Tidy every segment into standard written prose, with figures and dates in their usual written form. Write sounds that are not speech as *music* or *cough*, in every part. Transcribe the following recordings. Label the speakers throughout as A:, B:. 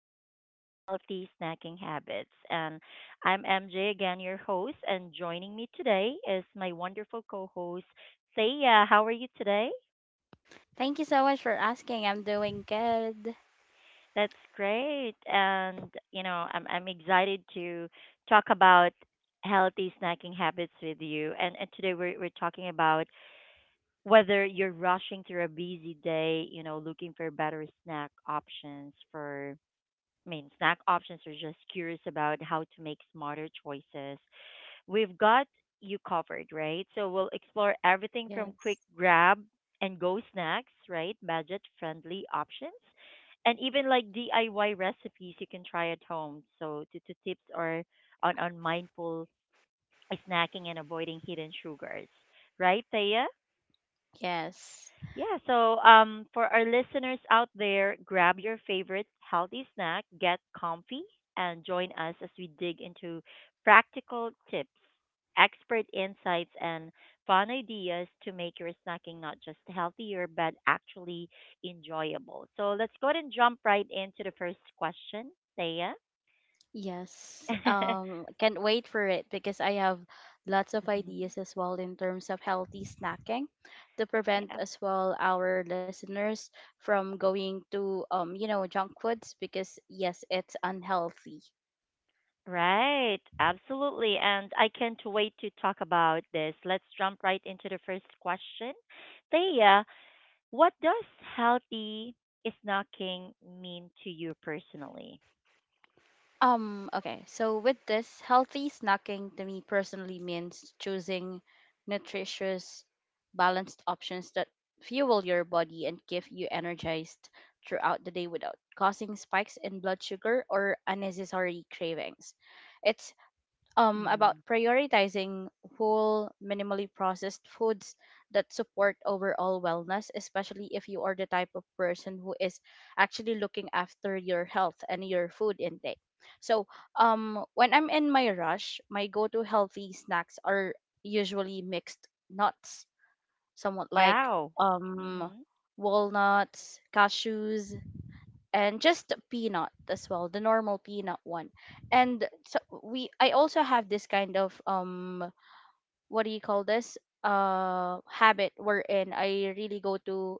A: of Healthy Snacking Habits. And I'm MJ again, your host, and joining me today is my wonderful co host, Thea. How are you today?
B: Thank you so much for asking. I'm doing good.
A: That's great. And, you know, I'm excited to talk about healthy snacking habits with you. And today we're talking about whether you're rushing through a busy day, you know, looking for better snack options for snack options are just curious about how to make smarter choices. We've got you covered, right? So we'll explore everything
B: Yes.
A: from quick grab and go snacks, right? Budget friendly options. And even like DIY recipes you can try at home. So to tips or on mindful snacking and avoiding hidden sugars. Right, Thea?
B: Yes.
A: Yeah, so for our listeners out there, grab your favorite healthy snack, get comfy, and join us as we dig into practical tips, expert insights, and fun ideas to make your snacking not just healthier, but actually enjoyable. So let's go ahead and jump right into the first question, Thea. *laughs*
B: Yes. Can't wait for it because I have lots of
A: Mhm.
B: ideas as well in terms of healthy snacking to prevent
A: Yeah,
B: as well our listeners from going to junk foods because yes, it's unhealthy.
A: right, absolutely. And I can't wait to talk about this. Let's jump right into the first question. Thea, what does healthy snacking mean to you personally?
B: Okay. So with this, healthy snacking to me personally means choosing nutritious, balanced options that fuel your body and keep you energized throughout the day without causing spikes in blood sugar or unnecessary cravings. It's about
A: Hmm.
B: prioritizing whole, minimally processed foods that support overall wellness, especially if you are the type of person who is actually looking after your health and your food intake. So, when I'm in my rush, my go to healthy snacks are usually mixed nuts, somewhat like
A: Wow. Mm-hmm.
B: walnuts, cashews, and just peanut as well, the normal peanut one. And so we I also have this kind of what do you call this habit wherein I really go to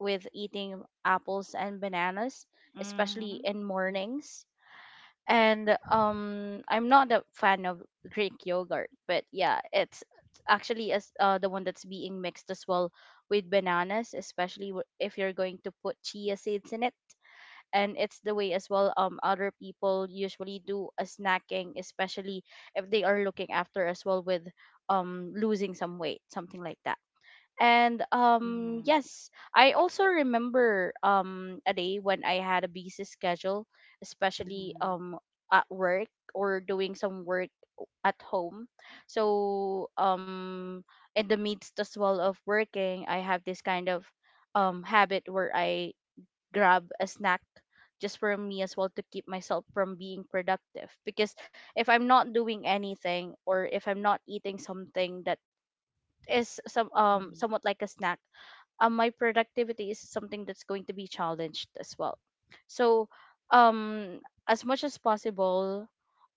B: with eating apples and bananas, especially
A: Mm-hmm.
B: in mornings. And I'm not a fan of Greek yogurt, but yeah, it's actually as the one that's being mixed as well with bananas, especially if you're going to put chia seeds in it. And it's the way as well other people usually do a snacking, especially if they are looking after as well with losing some weight, something like that. And
A: Mm-hmm.
B: yes, I also remember a day when I had a busy schedule, especially
A: Mm-hmm.
B: at work or doing some work at home. So in the midst as well of working, I have this kind of habit where I grab a snack just for me as well to keep myself from being productive, because if I'm not doing anything or if I'm not eating something that is
A: Hmm.
B: somewhat like a snack, my productivity is something that's going to be challenged as well. So, um, as much as possible,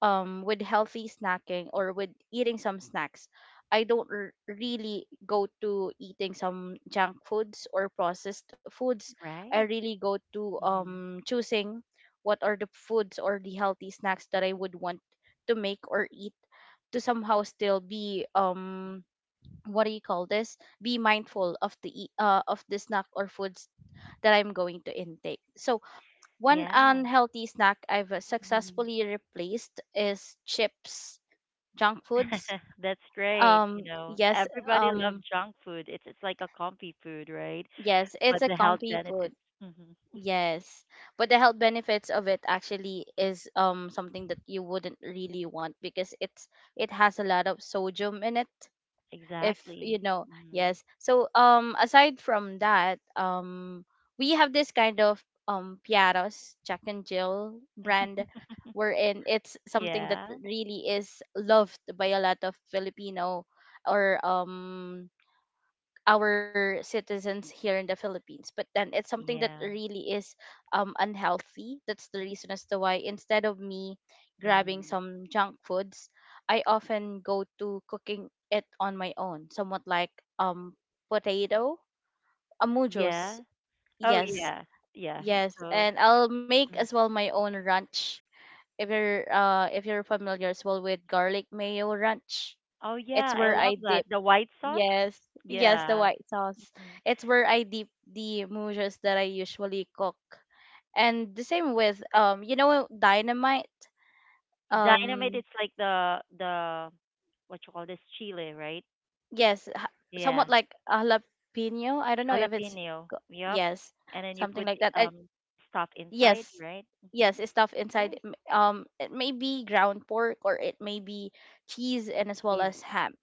B: with healthy snacking or with eating some snacks, I don't really go to eating some junk foods or processed foods. I
A: Right.
B: really go to
A: Mm-hmm.
B: choosing what are the foods or the healthy snacks that I would want to make or eat to somehow still be what do you call this be mindful of of the snack or foods that I'm going to intake. So one
A: Yeah.
B: unhealthy snack I've
A: Hmm.
B: successfully replaced is chips, junk foods.
A: *laughs* That's great. You know,
B: Yes.
A: everybody loves junk food. It's like a comfy food, right?
B: Yes,
A: But
B: it's a
A: the health
B: comfy food.
A: benefits. Hmm.
B: Yes, but the health benefits of it actually is something that you wouldn't really want, because it has a lot of sodium in it, if you
A: Exactly.
B: know.
A: Hmm.
B: Yes, so aside from that, we have this kind of Piaros Jack and Jill
A: *laughs*
B: brand, wherein it's something that
A: Yeah.
B: really is loved by a lot of Filipino, or our citizens here in the Philippines. But then it's something that
A: Yeah.
B: really is unhealthy. That's the reason as to why, instead of me grabbing
A: Mm-hmm.
B: some junk foods, I often go to cooking it on my own. Somewhat like potato, amujos.
A: Yeah. Oh,
B: Yes,
A: yeah. Yeah.
B: yes,
A: So,
B: and I'll make as
A: mm.
B: well my own ranch. If you're familiar as well with garlic mayo ranch,
A: Oh,
B: it's
A: yeah. I
B: where
A: love
B: I
A: that.
B: dip.
A: The white sauce.
B: Yes, yes, the
A: Yeah.
B: white sauce.
A: Hmm.
B: It's where I dip the mousses that I usually cook. And the same with dynamite.
A: Dynamite.
B: Um,
A: It's like the what you call this chile, right?
B: yes,
A: Yeah.
B: somewhat like a jalapeno. I don't know if it's
A: Jalapeno.
B: co-
A: Yep.
B: yes,
A: And then you
B: something
A: put
B: like that. And
A: um stuff inside,
B: yes,
A: right? Mm-hmm.
B: yes, it's stuff inside.
A: Great.
B: It may be ground pork or it may be cheese and as well
A: Cheese.
B: as ham.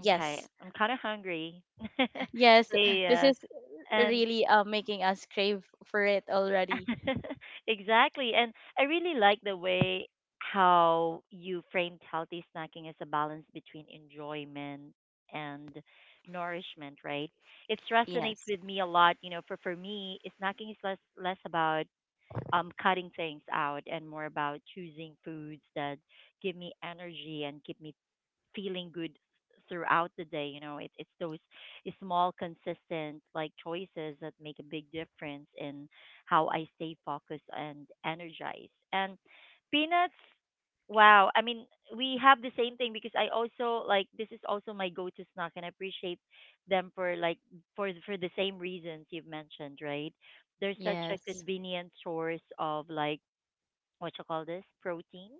A: Okay. I'm kind of hungry. *laughs*
B: *laughs* yes,
A: So,
B: this
A: yeah.
B: is
A: And
B: really making us crave for it already.
A: *laughs* exactly. And I really like the way how you framed healthy snacking as a balance between enjoyment and nourishment, right? It resonates
B: Yes.
A: with me a lot. You know, for me, snacking is less about cutting things out and more about choosing foods that give me energy and keep me feeling good throughout the day. You know, it's those small, consistent like choices that make a big difference in how I stay focused and energized. And peanuts, wow. I mean, we have the same thing because I also like this is also my go-to snack, and I appreciate them for like for the same reasons you've mentioned, right? They're such a
B: Yes.
A: convenient source of like what you call this protein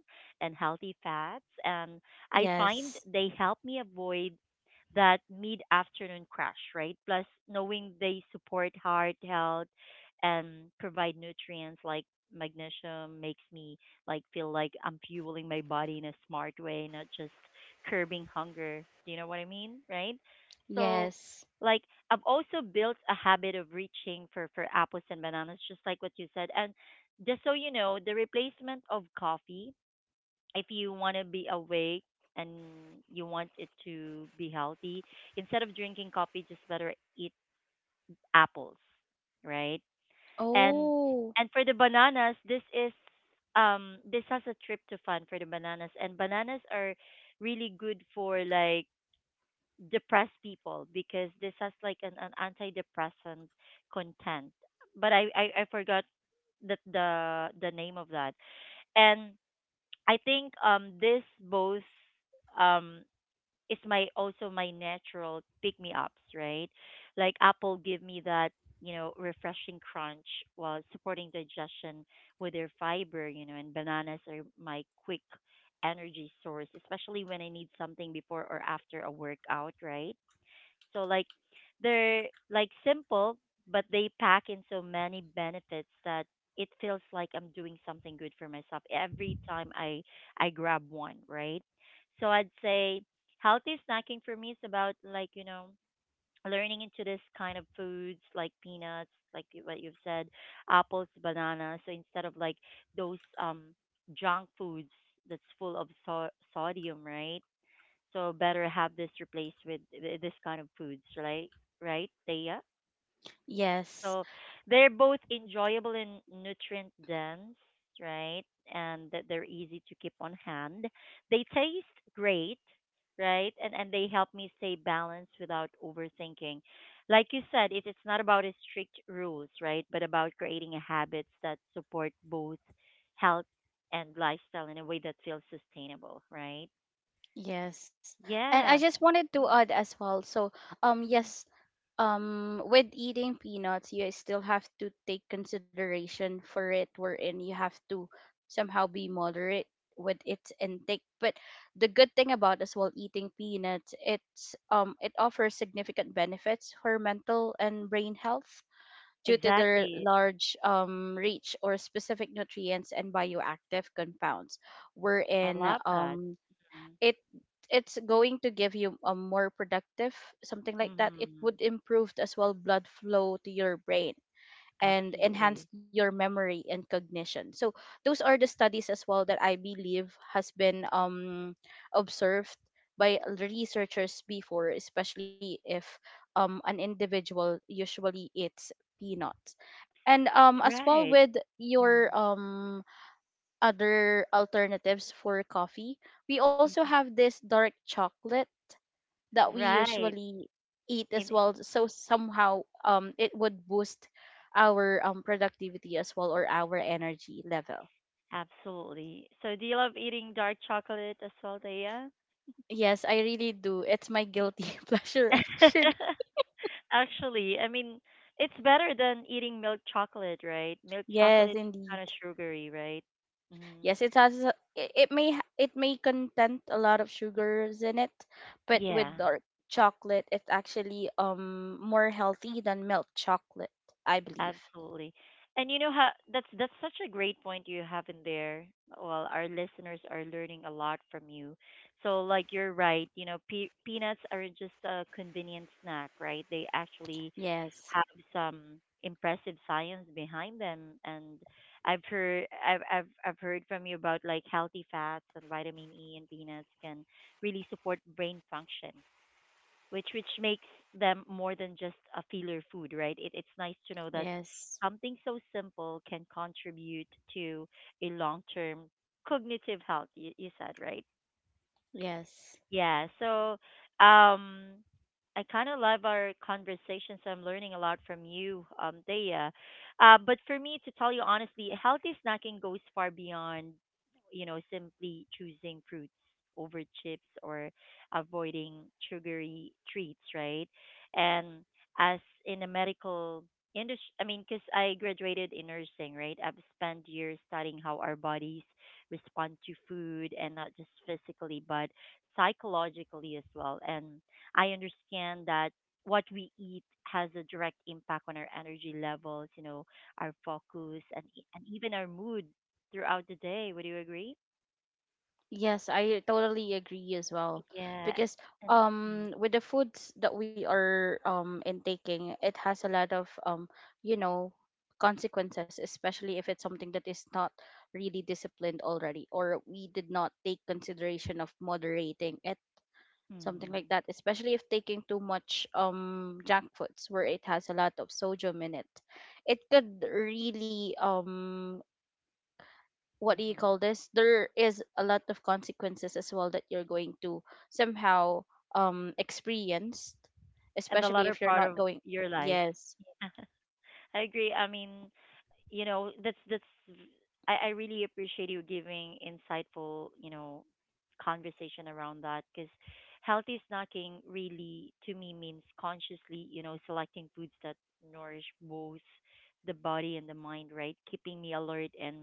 A: and healthy fats and I find
B: Yes.
A: they help me avoid that mid afternoon crash, right? Plus, knowing they support heart health and provide nutrients like magnesium makes me like feel like I'm fueling my body in a smart way, not just curbing hunger. Do you know what I mean? Right? So
B: Yes.
A: like I've also built a habit of reaching for apples and bananas just like what you said. And just so you know, the replacement of coffee if you want to be awake and you want it to be healthy, instead of drinking coffee, just better eat apples, right? And
B: Oh,
A: and for the bananas, this is this has a tryptophan for the bananas, and bananas are really good for like depressed people because this has like an antidepressant content. But I forgot that the name of that and I think this both um is my also my natural pick me ups, right? Like Apple give me that, you know, refreshing crunch while supporting digestion with their fiber, you know, and bananas are my quick energy source, especially when I need something before or after a workout, right? So like they're like simple, but they pack in so many benefits that it feels like I'm doing something good for myself every time I grab one, right? So I'd say healthy snacking for me is about like, you know, learning into this kind of foods like peanuts, like what you've said, apples, bananas. So instead of like those junk foods that's full of sodium, right? So better have this replaced with this kind of foods, right? Right, Thea? So
B: yes.
A: they're both enjoyable and nutrient dense, right? And that they're easy to keep on hand. They taste great, right? And they help me stay balanced without overthinking. Like you said, it's not about a strict rules, right? But about creating a habits that support both health and lifestyle in a way that feels sustainable, right?
B: Yes. And I
A: Yeah,
B: just wanted to add as well. So, yes, with eating peanuts, you still have to take consideration for it, wherein you have to somehow be moderate with its intake. But the good thing about as well eating peanuts, it offers significant benefits for mental and brain health due to their
A: exactly.
B: large, reach or specific nutrients and bioactive compounds,
A: I
B: wherein
A: love that. Mm.
B: it it's going to give you a more productive, something like that. It would
A: Mhm.
B: improve as well blood flow to your brain and enhance
A: Absolutely.
B: your memory and cognition. So those are the studies as well that I believe has been observed by researchers before, especially if an individual usually eats peanuts. And as well
A: Right.
B: with your
A: Mm.
B: other alternatives for coffee, we also
A: Mhm.
B: have this dark chocolate that we
A: Right.
B: usually eat as
A: In,
B: well, so somehow it would boost our productivity as well or our energy level.
A: absolutely. So do you love eating dark chocolate as well, Thea?
B: Yes, I really do. It's my guilty *laughs* pleasure, actually.
A: *laughs* Actually, I mean, it's better than eating milk chocolate, right? Milk
B: Yes,
A: chocolate is
B: indeed.
A: kind of sugary, right? Hmm.
B: Yes, it has it may it may contain a lot of sugars in it, but with
A: Yeah.
B: dark chocolate, it's actually more healthy than milk chocolate, I believe.
A: Absolutely. And you know how that's such a great point you have in there. Well, our listeners are learning a lot from you. So like you're right, you know, peanuts are just a convenient snack, right? They actually
B: Yes.
A: have some impressive science behind them and I've heard from you about like healthy fats and vitamin E and peanuts can really support brain function which makes them more than just a filler food, right? It's nice to know that
B: Yes.
A: something so simple can contribute to a long term cognitive health. You said right.
B: Yes.
A: Yeah. So, um, I kind of love our conversation. So I'm learning a lot from you, Thea. But for me, to tell you honestly, healthy snacking goes far beyond, you know, simply choosing fruits over chips or avoiding sugary treats, right? And as in the medical industry, I mean, because I graduated in nursing, right? I've spent years studying how our bodies respond to food and not just physically, but psychologically as well. And I understand that what we eat has a direct impact on our energy levels, you know, our focus and and even our mood throughout the day. Would you agree?
B: Yes, I totally agree as well.
A: Yeah.
B: Because
A: And
B: with the foods that we are intaking, it has a lot of you know, consequences, especially if it's something that is not really disciplined already or we did not take consideration of moderating it, something like
A: mm-hmm.
B: that, especially if taking too much junk foods where it has a lot of sodium in it. It could really what do you call this there is a lot of consequences as well that you're going to somehow experience,
A: And the
B: especially
A: latter
B: if you're
A: part
B: not
A: of
B: going.
A: your life.
B: Yes.
A: *laughs* I agree. I mean, you know that's I really appreciate you giving insightful you know conversation around that because healthy snacking really to me means consciously you know selecting foods that nourish both the body and the mind right keeping me alert and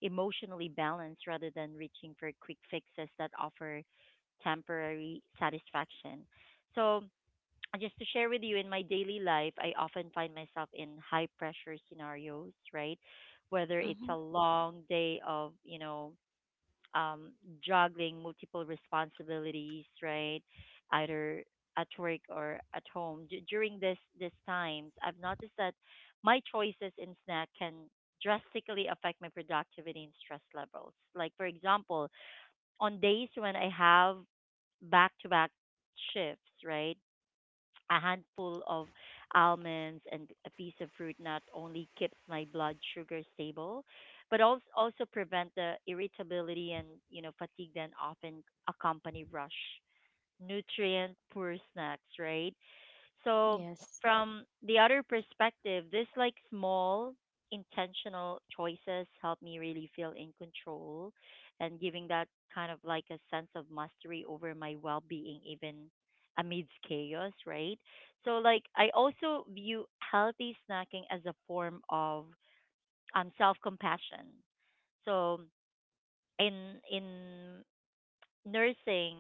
A: emotionally balanced rather than reaching for quick fixes that offer temporary satisfaction so just to share with you in my daily life, I often find myself in high pressure scenarios, right? Whether it's a
B: Hmm.
A: long day of, you know, um, juggling multiple responsibilities, right? Either at work or at home. During this times, I've noticed that my choices in snack can drastically affect my productivity and stress levels. Like for example, on days when I have back to back shifts, right? A handful of almonds and a piece of fruit not only keeps my blood sugar stable, but also prevent the irritability and you know fatigue that often accompany rush nutrient poor snacks. Right? So,
B: Yes,
A: from the other perspective, this like small intentional choices help me really feel in control and giving that kind of like a sense of mastery over my well-being even amidst chaos, right? So like I also view healthy snacking as a form of self-compassion. So in nursing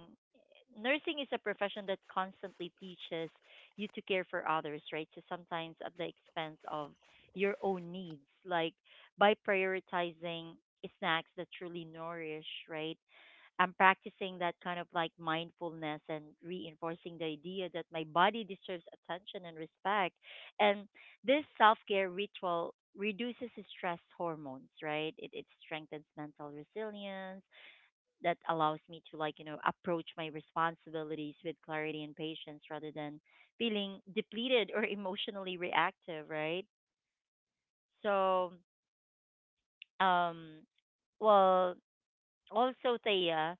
A: nursing is a profession that constantly teaches you to care for others right so sometimes at the expense of your own needs like by prioritizing snacks that truly nourish right I'm practicing that kind of like mindfulness and reinforcing the idea that my body deserves attention and respect and this self-care ritual reduces stress hormones right it strengthens mental resilience that allows me to like you know approach my responsibilities with clarity and patience rather than feeling depleted or *laughs* emotionally reactive right so um well also Thea,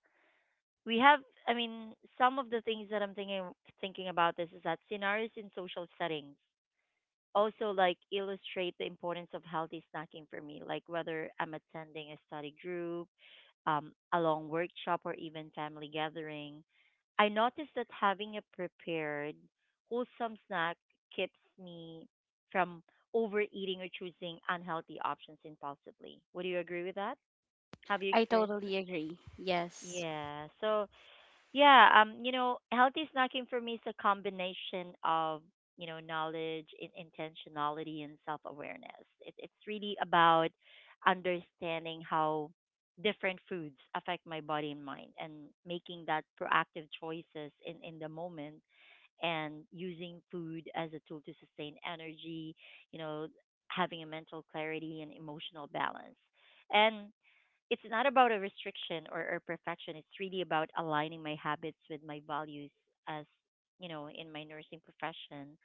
A: we have some of the things that I'm thinking thinking about this is that scenarios in social settings also like illustrate the importance of healthy snacking for me like whether I'm attending a study group a long workshop or even family gathering, I noticed that having a prepared, wholesome snack keeps me from overeating or choosing unhealthy options impulsively. Would you agree with that? Have you
B: I
A: experienced that?
B: totally agree. Yes.
A: Yeah. So yeah, you know, healthy snacking for me is a combination of, you know, knowledge, intentionality, and self awareness. It's really about understanding how different foods affect my body and mind and making that proactive choices in the moment and using food as a tool to sustain energy, you know, having a mental clarity and emotional balance. And it's not about a restriction or perfection. It's really about aligning my habits with my values as you know in my nursing profession,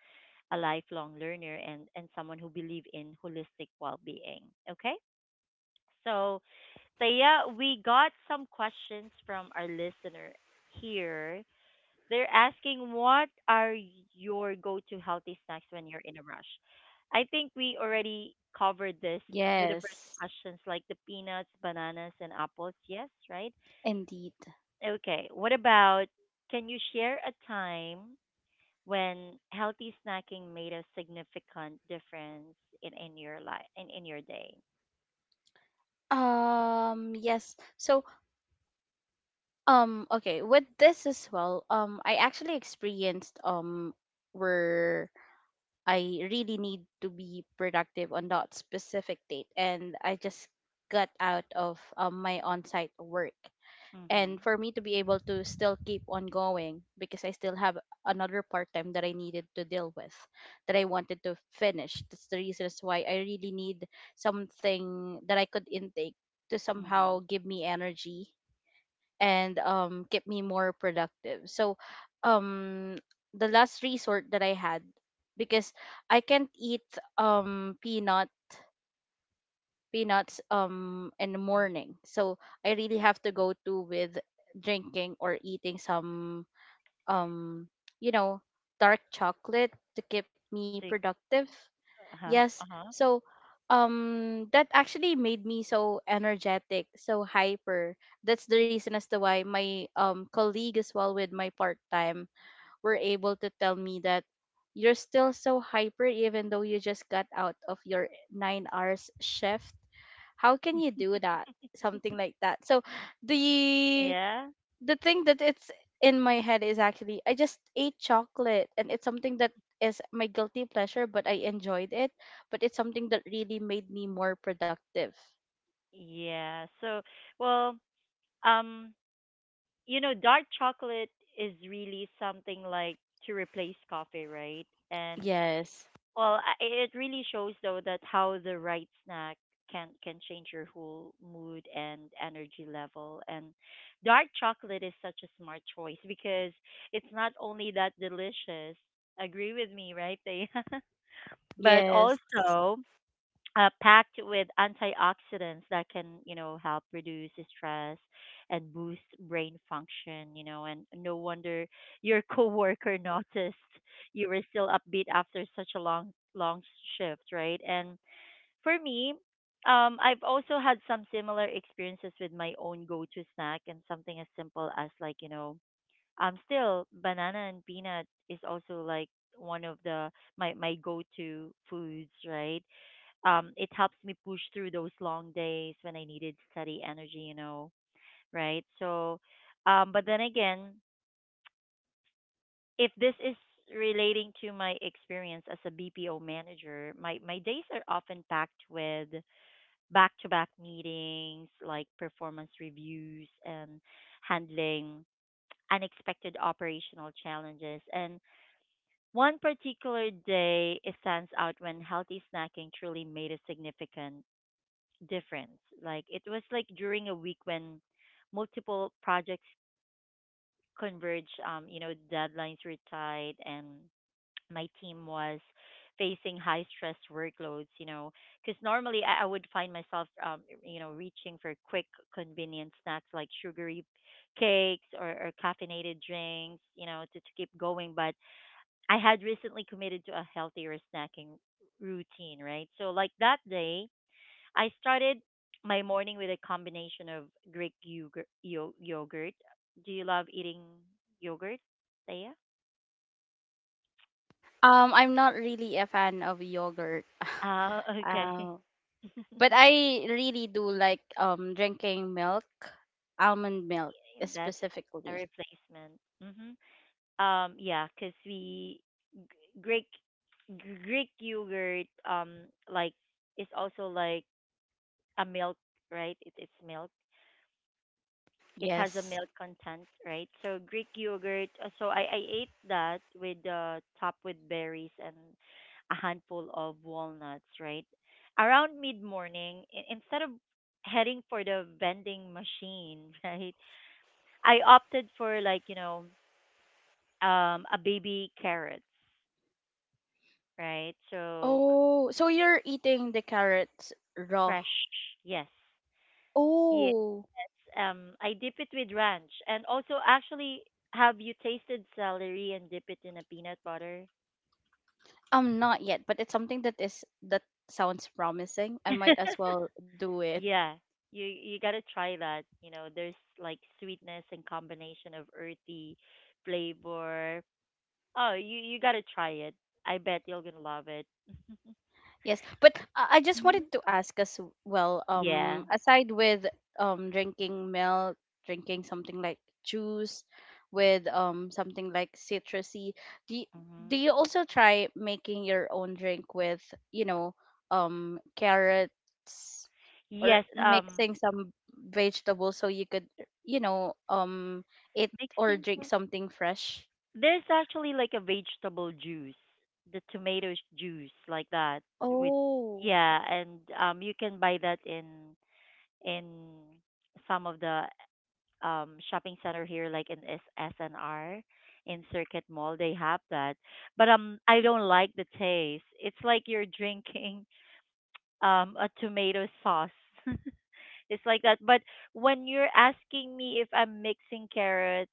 A: a lifelong learner and someone who believe in holistic well-being. Okay, so Taya, we got some questions from our listener here. They're asking, what are your go-to healthy snacks when you're in a rush? I think we already covered this with the first
B: Yes,
A: questions, like the peanuts, bananas, and apples. Yes, right?
B: indeed.
A: Okay. What about, can you share a time when healthy snacking made a significant difference in your life in your day?
B: Yes, so okay, with this as well, I actually experienced where I really need to be productive on that specific date, and I just got out of my on-site work. And
A: Mhm.
B: for me to be able to still keep on going, because I still have another part time that I needed to deal with, that I wanted to finish. That's the reason as why I really need something that I could intake to somehow
A: Mhm.
B: give me energy and keep me more productive. So, um, the last resort that I had, because I can't eat um peanut peanuts in the
A: Mhm.
B: morning, so I really have to go to with drinking or eating some um you know dark chocolate to keep me
A: So,
B: productive.
A: uh-huh.
B: Yes.
A: Uh-huh.
B: So that actually made me so energetic, so hyper. That's the reason as to why my colleague as well with my part time were able to tell me that, you're still so hyper even though you just got out of your 9 hours shift. How can you do that? Something like that. So the
A: Yeah.
B: the thing that it's in my head is actually I just ate chocolate and it's something that is my guilty pleasure, but I enjoyed it, but it's something that really made me more productive.
A: Yeah. So, well, um you know, dark chocolate is really something like to replace coffee, right? And
B: Yes.
A: well, it really shows though that how the right snack can change your whole mood and energy level. And dark chocolate is such a smart choice because it's not only that delicious. Agree with me, right? They *laughs* but
B: Yes.
A: also packed with antioxidants that can, you know, help reduce stress and boost brain function, you know, and no wonder your *laughs* coworker noticed you were still upbeat after such a long long shift, right? And for me, I've also had some similar experiences with my own go-to snack, and something as simple as like, you know, still banana and peanut is also like one of the my go-to foods, right? It helps me push through those long days when I needed steady energy, you know, right? So, but then again, if this is relating to my experience as a BPO manager, my days are often packed with back to back meetings, like performance reviews and handling unexpected operational challenges. And one particular day it stands out when healthy snacking truly made a significant difference. Like it was like during a week when multiple projects converge, you know, deadlines were tight and my team was facing high stress workloads, you know, because normally I would find myself, you know, reaching for quick, convenient snacks like sugary cakes or caffeinated drinks, you know, to keep going. But I had recently committed to a healthier snacking routine, right? So, like that day, I started my morning with a combination of Greek yogurt. Yogurt. Do you love eating yogurt, Thea?
B: I'm not really a fan of yogurt. *laughs*
A: Oh, okay.
B: Uh, but
A: *laughs*
B: I really do like drinking milk, almond milk
A: That's a
B: specifically.
A: replacement. Hmm. Yeah, because we G- Greek Greek yogurt like is also like a milk, right? It is milk. It has a
B: Yes.
A: milk content, right? So Greek yogurt. So I ate that with topped with berries and a handful of walnuts, right? Around mid morning, instead of heading for the vending machine, *laughs* right? I opted for like you know a baby carrots, right? So
B: Oh, so you're eating the carrots raw.
A: fresh, yes, yes.
B: Oh.
A: I dip it with ranch, and also actually, have you tasted celery and dip it in a peanut butter?
B: Not yet, but it's something that is that sounds promising. I might as
A: *laughs*
B: well do it.
A: Yeah, you gotta try that, you know, there's like sweetness and combination of earthy flavor. Oh, you gotta try it. I bet you're gonna love it. *laughs*
B: Yes, but I just
A: Mhm.
B: wanted to ask as well.
A: Yeah.
B: Aside with drinking milk, drinking something like juice, with something like citrusy, do you,
A: Hmm.
B: do you also try making your own drink with you know carrots or
A: Yes.
B: mixing some vegetables so you could you know um eat or
A: Mixing
B: drink
A: for-
B: something fresh?
A: there's actually like a vegetable juice, the juice like that with.
B: Oh,
A: Yeah, and um, you can buy that in in some of the um, shopping center here, like in SNR, in Circuit Mall they have that. But um, I don't like the taste, it's like you're drinking um, a tomato sauce. *laughs* It's like that. But when you're asking me if I'm mixing carrots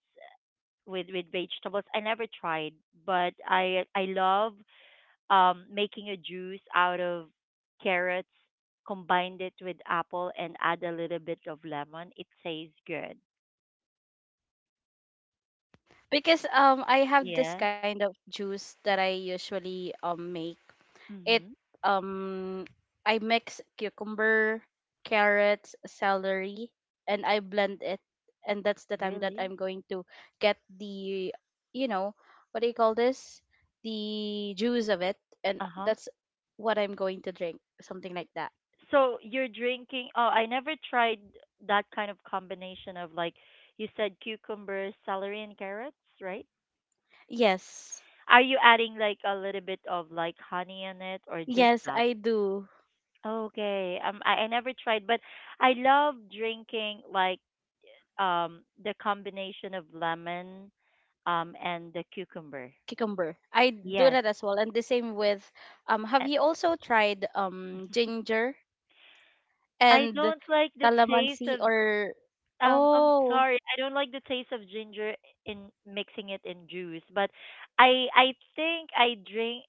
A: with vegetables, I never tried. But I love um, making a juice out of carrots, combined it with apple and add a little bit of lemon. It tastes good.
B: because I have this
A: Yeah.
B: kind of juice that I usually make. It
A: Mm-hmm.
B: um I mix cucumber, carrots, celery, and I blend it. And that's the time that
A: Really?
B: I'm going to get the, you know, what do you call this? The juice of it, and
A: Uh-huh.
B: that's what I'm going to drink, something like that.
A: So you're drinking. Oh, I never tried that kind of combination of like you said cucumbers, celery, and carrots, right?
B: Yes.
A: Are you adding like a little bit of like honey in it, or just
B: Yes,
A: that?
B: I do.
A: Okay. I never tried, but I love drinking like um, the combination of lemon um, and the cucumber.
B: Cucumber. I do
A: Yes.
B: that as well, and the same with Have
A: And
B: you also tried
A: *laughs*
B: ginger
A: I
B: and
A: don't like the taste
B: calamansi,
A: of.
B: or
A: I'm
B: oh,
A: sorry. I don't like the taste of ginger in mixing it in juice, but I think I drink.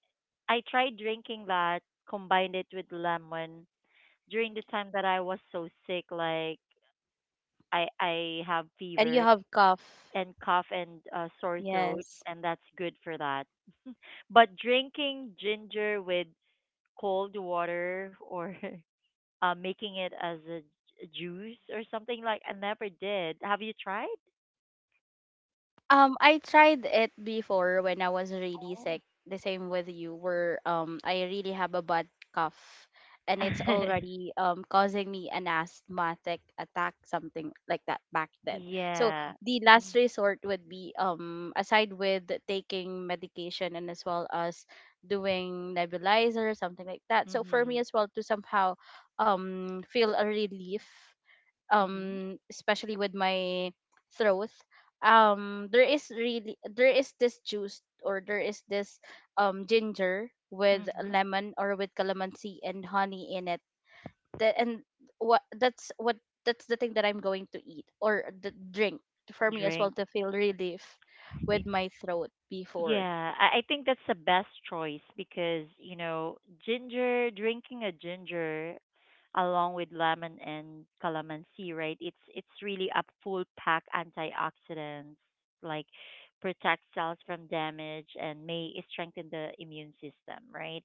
A: I tried drinking that, combined it with lemon during the time that I was so sick, like I have
B: and you
A: fever
B: have cough?
A: and cough and sore throat,
B: Yes.
A: and that's good for that. *laughs* But drinking ginger with cold water or *laughs* making it as a juice or something, like, I never did. Have you tried?
B: I tried it before when I was really
A: Oh.
B: sick. The same with you, where I really have a bad cough, and it's
A: *laughs*
B: already causing me an asthmatic attack, something like that back then. So
A: Yeah.
B: the last resort would be aside with taking medication and as well as doing nebulizer or something like that. So for
A: Mm-hmm.
B: me as well to somehow feel a relief,
A: Mm-hmm.
B: especially with my throat, there is this juice or there is this ginger with
A: Mm-hmm.
B: lemon or with calamansi and honey in it. The and what that's what That's the thing that I'm going to eat, or the drink, for me as well
A: Drink.
B: to feel relief
A: Y-
B: with my throat before.
A: Yeah, I think that's the best choice because, you know, ginger, drinking a ginger along with lemon and calamansi, right? It's really a full pack antioxidants, like protect cells from damage and may strengthen the immune system, right?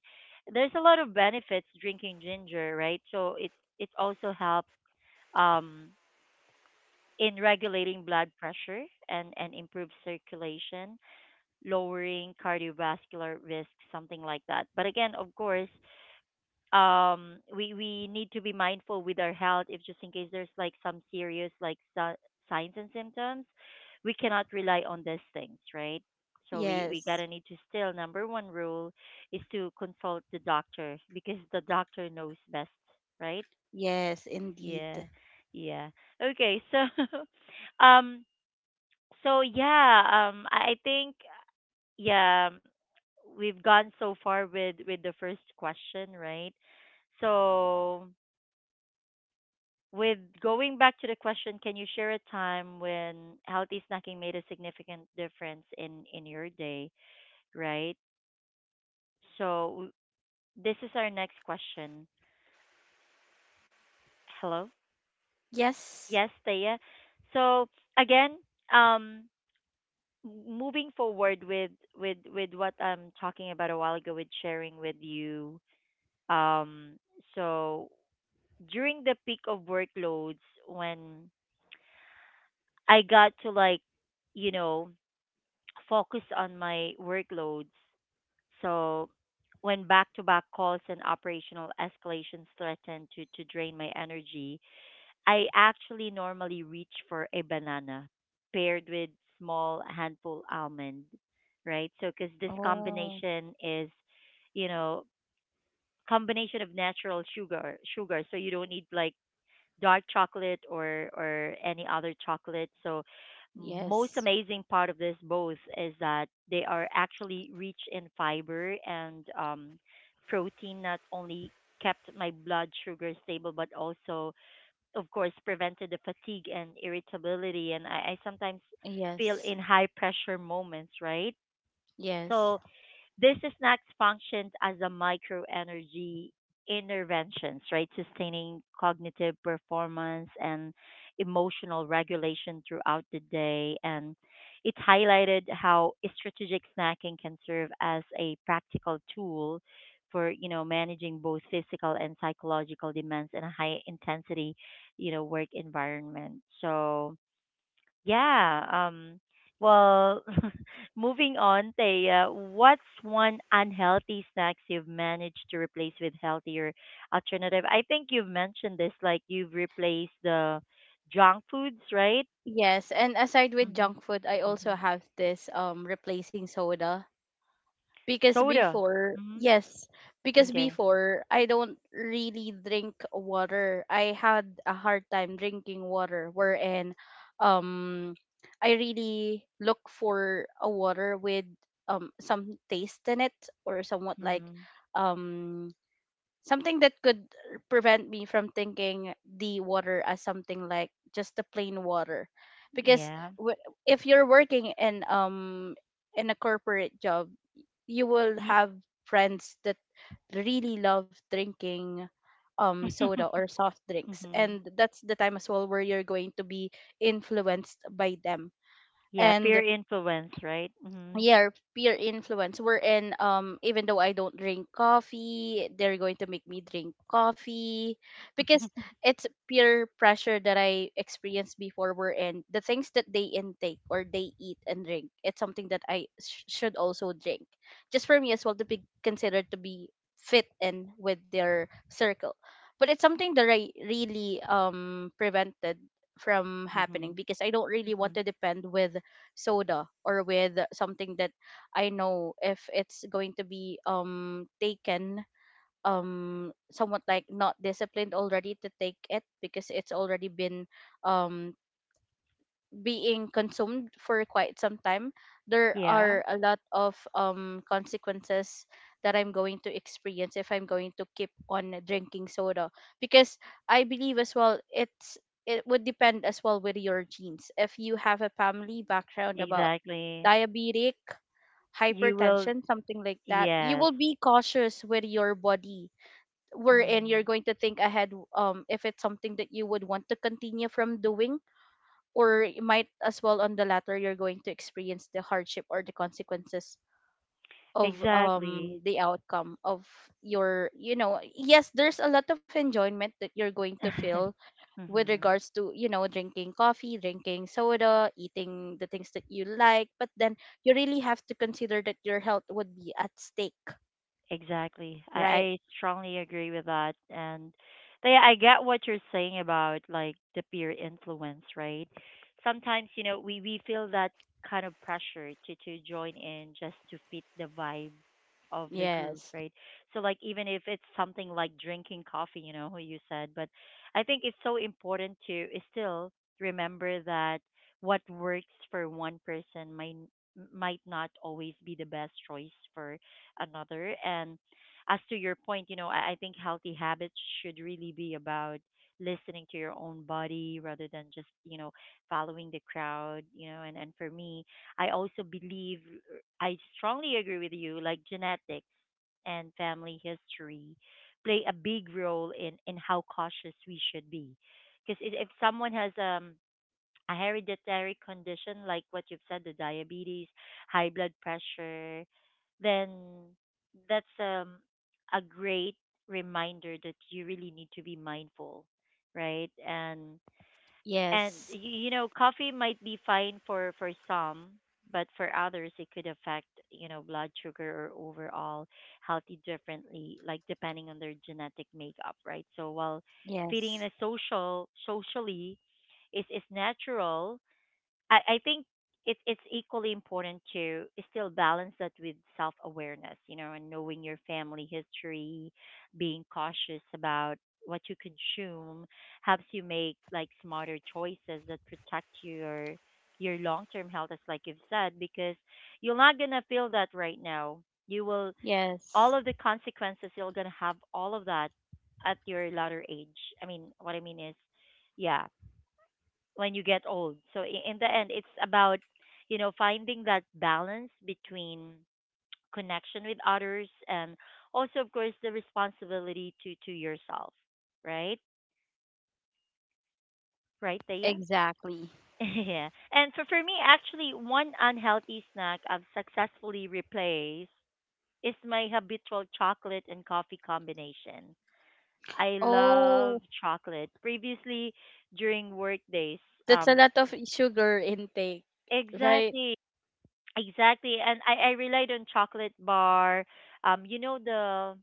A: There's a lot of benefits drinking ginger, right? So it also helps um, in regulating blood pressure and improve circulation, lowering cardiovascular risk, something like that. But again, of course, we need to be mindful with our health if just in case there's like some serious like signs and symptoms, we cannot rely on these things, right? So we
B: Yes.
A: gotta need to still number one rule is to consult the doctor because the doctor knows best, right?
B: Yes,
A: Yeah.
B: indeed.
A: Yeah. Okay. So, *laughs* so yeah, I think, yeah, we've gone so far with the first question, right? So, with going back to the question, can you share a time when healthy snacking made a significant difference in your day, right? So, this is our next question. Hello?
B: Yes.
A: Yes, Taya. So, again, um, moving forward with with what I'm talking about a while ago with sharing with you um, so during the peak of workloads when I got to like you know focus on my workloads, so when back to back calls and operational escalations threatened to drain my energy, I actually normally reach for a banana paired with small handful almond, right? So because this
B: Oh,
A: combination is, you know, combination of natural sugar. So you don't need like dark chocolate or any other chocolate. So most
B: yes,
A: amazing part of this both is that they are actually rich in fiber and protein. Not only kept my blood sugar stable, but also of course, prevented the fatigue and irritability. And I sometimes feel
B: yes,
A: in high pressure moments, right?
B: yes.
A: So this snack functions as a microenergy interventions, right? Sustaining cognitive performance and emotional regulation throughout the day. And it highlighted how strategic snacking can serve as a practical tool for, you know, managing both physical and psychological demands in a high intensity, you know, work environment. So yeah. Well, *laughs* moving on, Taya, what's one unhealthy snacks you've managed to replace with healthier alternative? I think you've mentioned this, like you've replaced the junk foods, right?
B: Yes, and aside with
A: Mm-hmm.
B: junk food, I
A: Mm-hmm.
B: also have this replacing soda because
A: Soda.
B: before,
A: Mm-hmm.
B: yes, because
A: Okay.
B: before I don't really drink water. I had a hard time drinking water wherein um I really look for a water with some taste in it, or somewhat like
A: Mm-hmm.
B: um something that could prevent me from thinking the water as something like just the plain water. Because
A: Yeah.
B: w- if you're working in a corporate job, you will have friends that really love drinking soda
A: Mm-hmm.
B: or soft drinks, and
A: *laughs*
B: that's the time as well where you're going to be influenced by them.
A: Yeah, peer
B: And
A: influence, right? Mm-hmm.
B: yeah, peer influence, wherein even though I don't drink coffee, they're going to make me drink coffee because
A: *laughs*
B: it's peer pressure that I experienced before, wherein the things that they intake or they eat and drink, it's something that should also drink, just for me as well to be considered to be fit in with their circle. But it's something that I really prevented from happening
A: Mm-hmm.
B: because I don't really want to depend with soda, or with something that I know if it's going to be taken, somewhat like not disciplined already to take it, because it's already been um being consumed for quite some time, there
A: Yeah,
B: are a lot of consequences that I'm going to experience if I'm going to keep on drinking soda. Because I believe as well it would depend as well with your genes. If you have a family background about
A: exactly.
B: diabetic,
A: You will,
B: hypertension, something like that, you
A: yes.
B: will be cautious with your body, wherein you're
A: Mm.
B: going to think ahead if it's something that you would want to continue from doing, or it might as well on the latter you're going to experience the hardship or the consequences of
A: Exactly.
B: the outcome of your, you know, yes, there's a lot of enjoyment that you're going to feel
A: *laughs*
B: with
A: Mm-hmm.
B: regards to, drinking coffee, drinking soda, eating the things that you like, but then you really have to consider that your health would be at stake.
A: Exactly. I,
B: Right.
A: I strongly agree with that. And they, I get what you're saying about like the peer influence, right? Sometimes, you know, we feel that kind of pressure to join in just to fit the vibe of the group,
B: Yes.
A: right? So like even if it's something like drinking coffee, you know, you said, but I think it's so important to is still remember that what works for one person might not always be the best choice for another. And as to your point, you know, I think healthy habits should really be about listening to your own body rather than just, you know, following the crowd, you know. And for me, I also believe, I strongly agree with you, like genetics and family history play a big role in how cautious we should be. Because if someone has a hereditary condition like what you've said, the diabetes, high blood pressure, then that's a great reminder that you really need to be mindful, right?
B: Yes,
A: And you know, coffee might be fine for some, but for others it could affect you know blood sugar or overall healthy differently, like depending on their genetic makeup, right? So while feeding
B: yes,
A: in a socially is natural, I think it's equally important to still balance that with self awareness, you know, and knowing your family history, being cautious about what you consume helps you make like smarter choices that protect your long term health as like you've said, because you're not gonna feel that right now. You will
B: yes.
A: all of the consequences you're gonna have all of that at your latter age. I mean what I mean is yeah, when you get old. So in the end, it's about you know finding that balance between *tsk* connection with others and also, of course, the responsibility to yourself. Right, right, Thea.
B: Exactly.
A: *laughs* Yeah. And for me, actually, one unhealthy snack I've successfully replaced is my habitual chocolate and coffee combination. I love chocolate. Previously, during work days,
B: That's a
A: um,
B: lot of sugar intake, right?
A: exactly. Exactly. And I relied on chocolate bar. You know the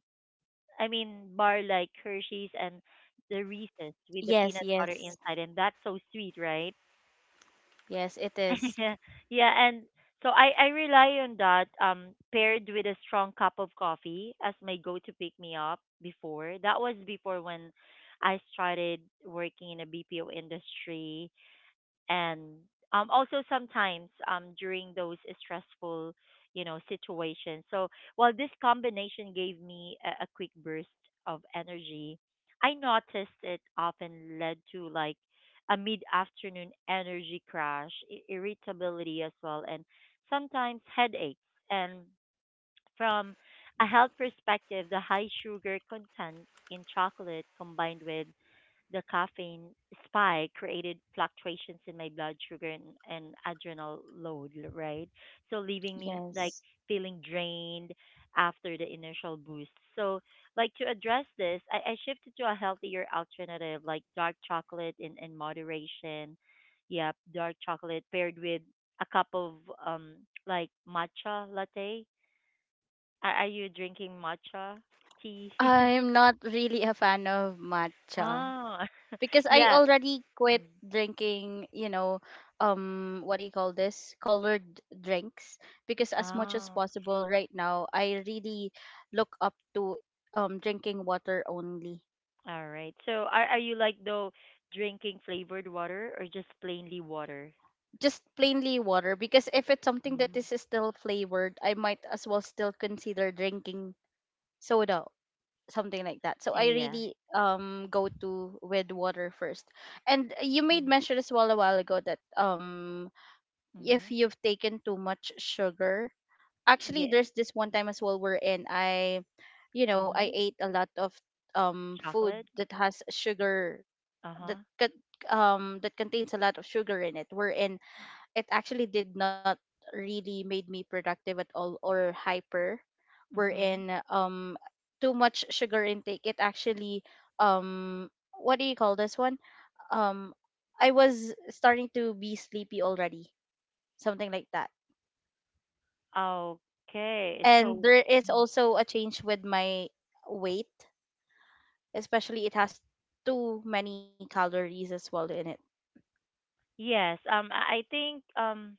A: I mean bar like Hershey's and the Reese's with the peanut
B: Yes,
A: butter
B: yes.
A: inside, and that's so sweet, right?
B: Yes, it is.
A: *laughs* Yeah, and so I rely on that paired with a strong cup of coffee as my go to pick me up before. That was before when I started working in a BPO industry and also sometimes, during those stressful, situations. So while this combination gave me a quick burst of energy, I noticed it often led to like a mid-afternoon energy crash, irritability as well, and sometimes headaches. And from a health perspective, the high sugar content in chocolate combined with the caffeine spike created fluctuations in my blood sugar and adrenal load, right? So leaving me like
B: Yes.
A: feeling drained after the initial boost. So like to address this, I shifted to a healthier alternative like dark chocolate in moderation. Yep, dark chocolate paired with a cup of um like matcha latte. Are you drinking matcha tea? *laughs*
B: I'm not really a fan of matcha
A: Oh, *laughs*
B: because I
A: yeah.
B: already quit
A: Mm.
B: drinking, what do you call this? Colored drinks, because as much as
A: Oh,
B: possible right now, I really look up to drinking water only.
A: all right. So are you like though drinking flavored water or just plainly water?
B: Just plainly water, because if it's something that
A: Mm.
B: is still flavored, I might as well still consider drinking soda, something like that. So I
A: Yeah.
B: really go to with water first. And you made
A: Mhm.
B: mention as well a while ago that if
A: Mhm.
B: you've taken too much sugar, actually
A: Yeah.
B: there's this one time as well wherein I you know I
A: Mhm.
B: ate a lot of food
A: Chocolate.
B: that has sugar,
A: Uh huh.
B: that con- that contains a lot of sugar in it, wherein it actually did not really made me productive at all or hyper, wherein
A: Mhm.
B: too much sugar intake, it actually, um what do you call this one, um I was starting to be sleepy already, something like that.
A: Okay.
B: And
A: So.
B: there is also a change with my weight, especially it has too many calories as well in it.
A: Yes. I think,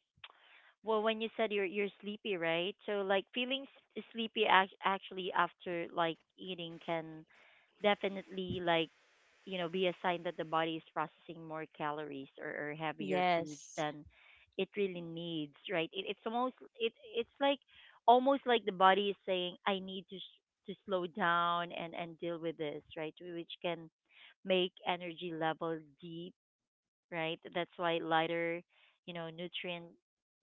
A: well, when you said you're sleepy, right? So like feeling sleepy actually after like eating can definitely like, you know, be a sign that the body is processing more calories, or heavier foods
B: Yes.
A: than it really needs, right? It, it's almost it's like almost like the body is saying, I need to to slow down and deal with this, right? Which can make energy level deep, right? That's why lighter, you know, nutrient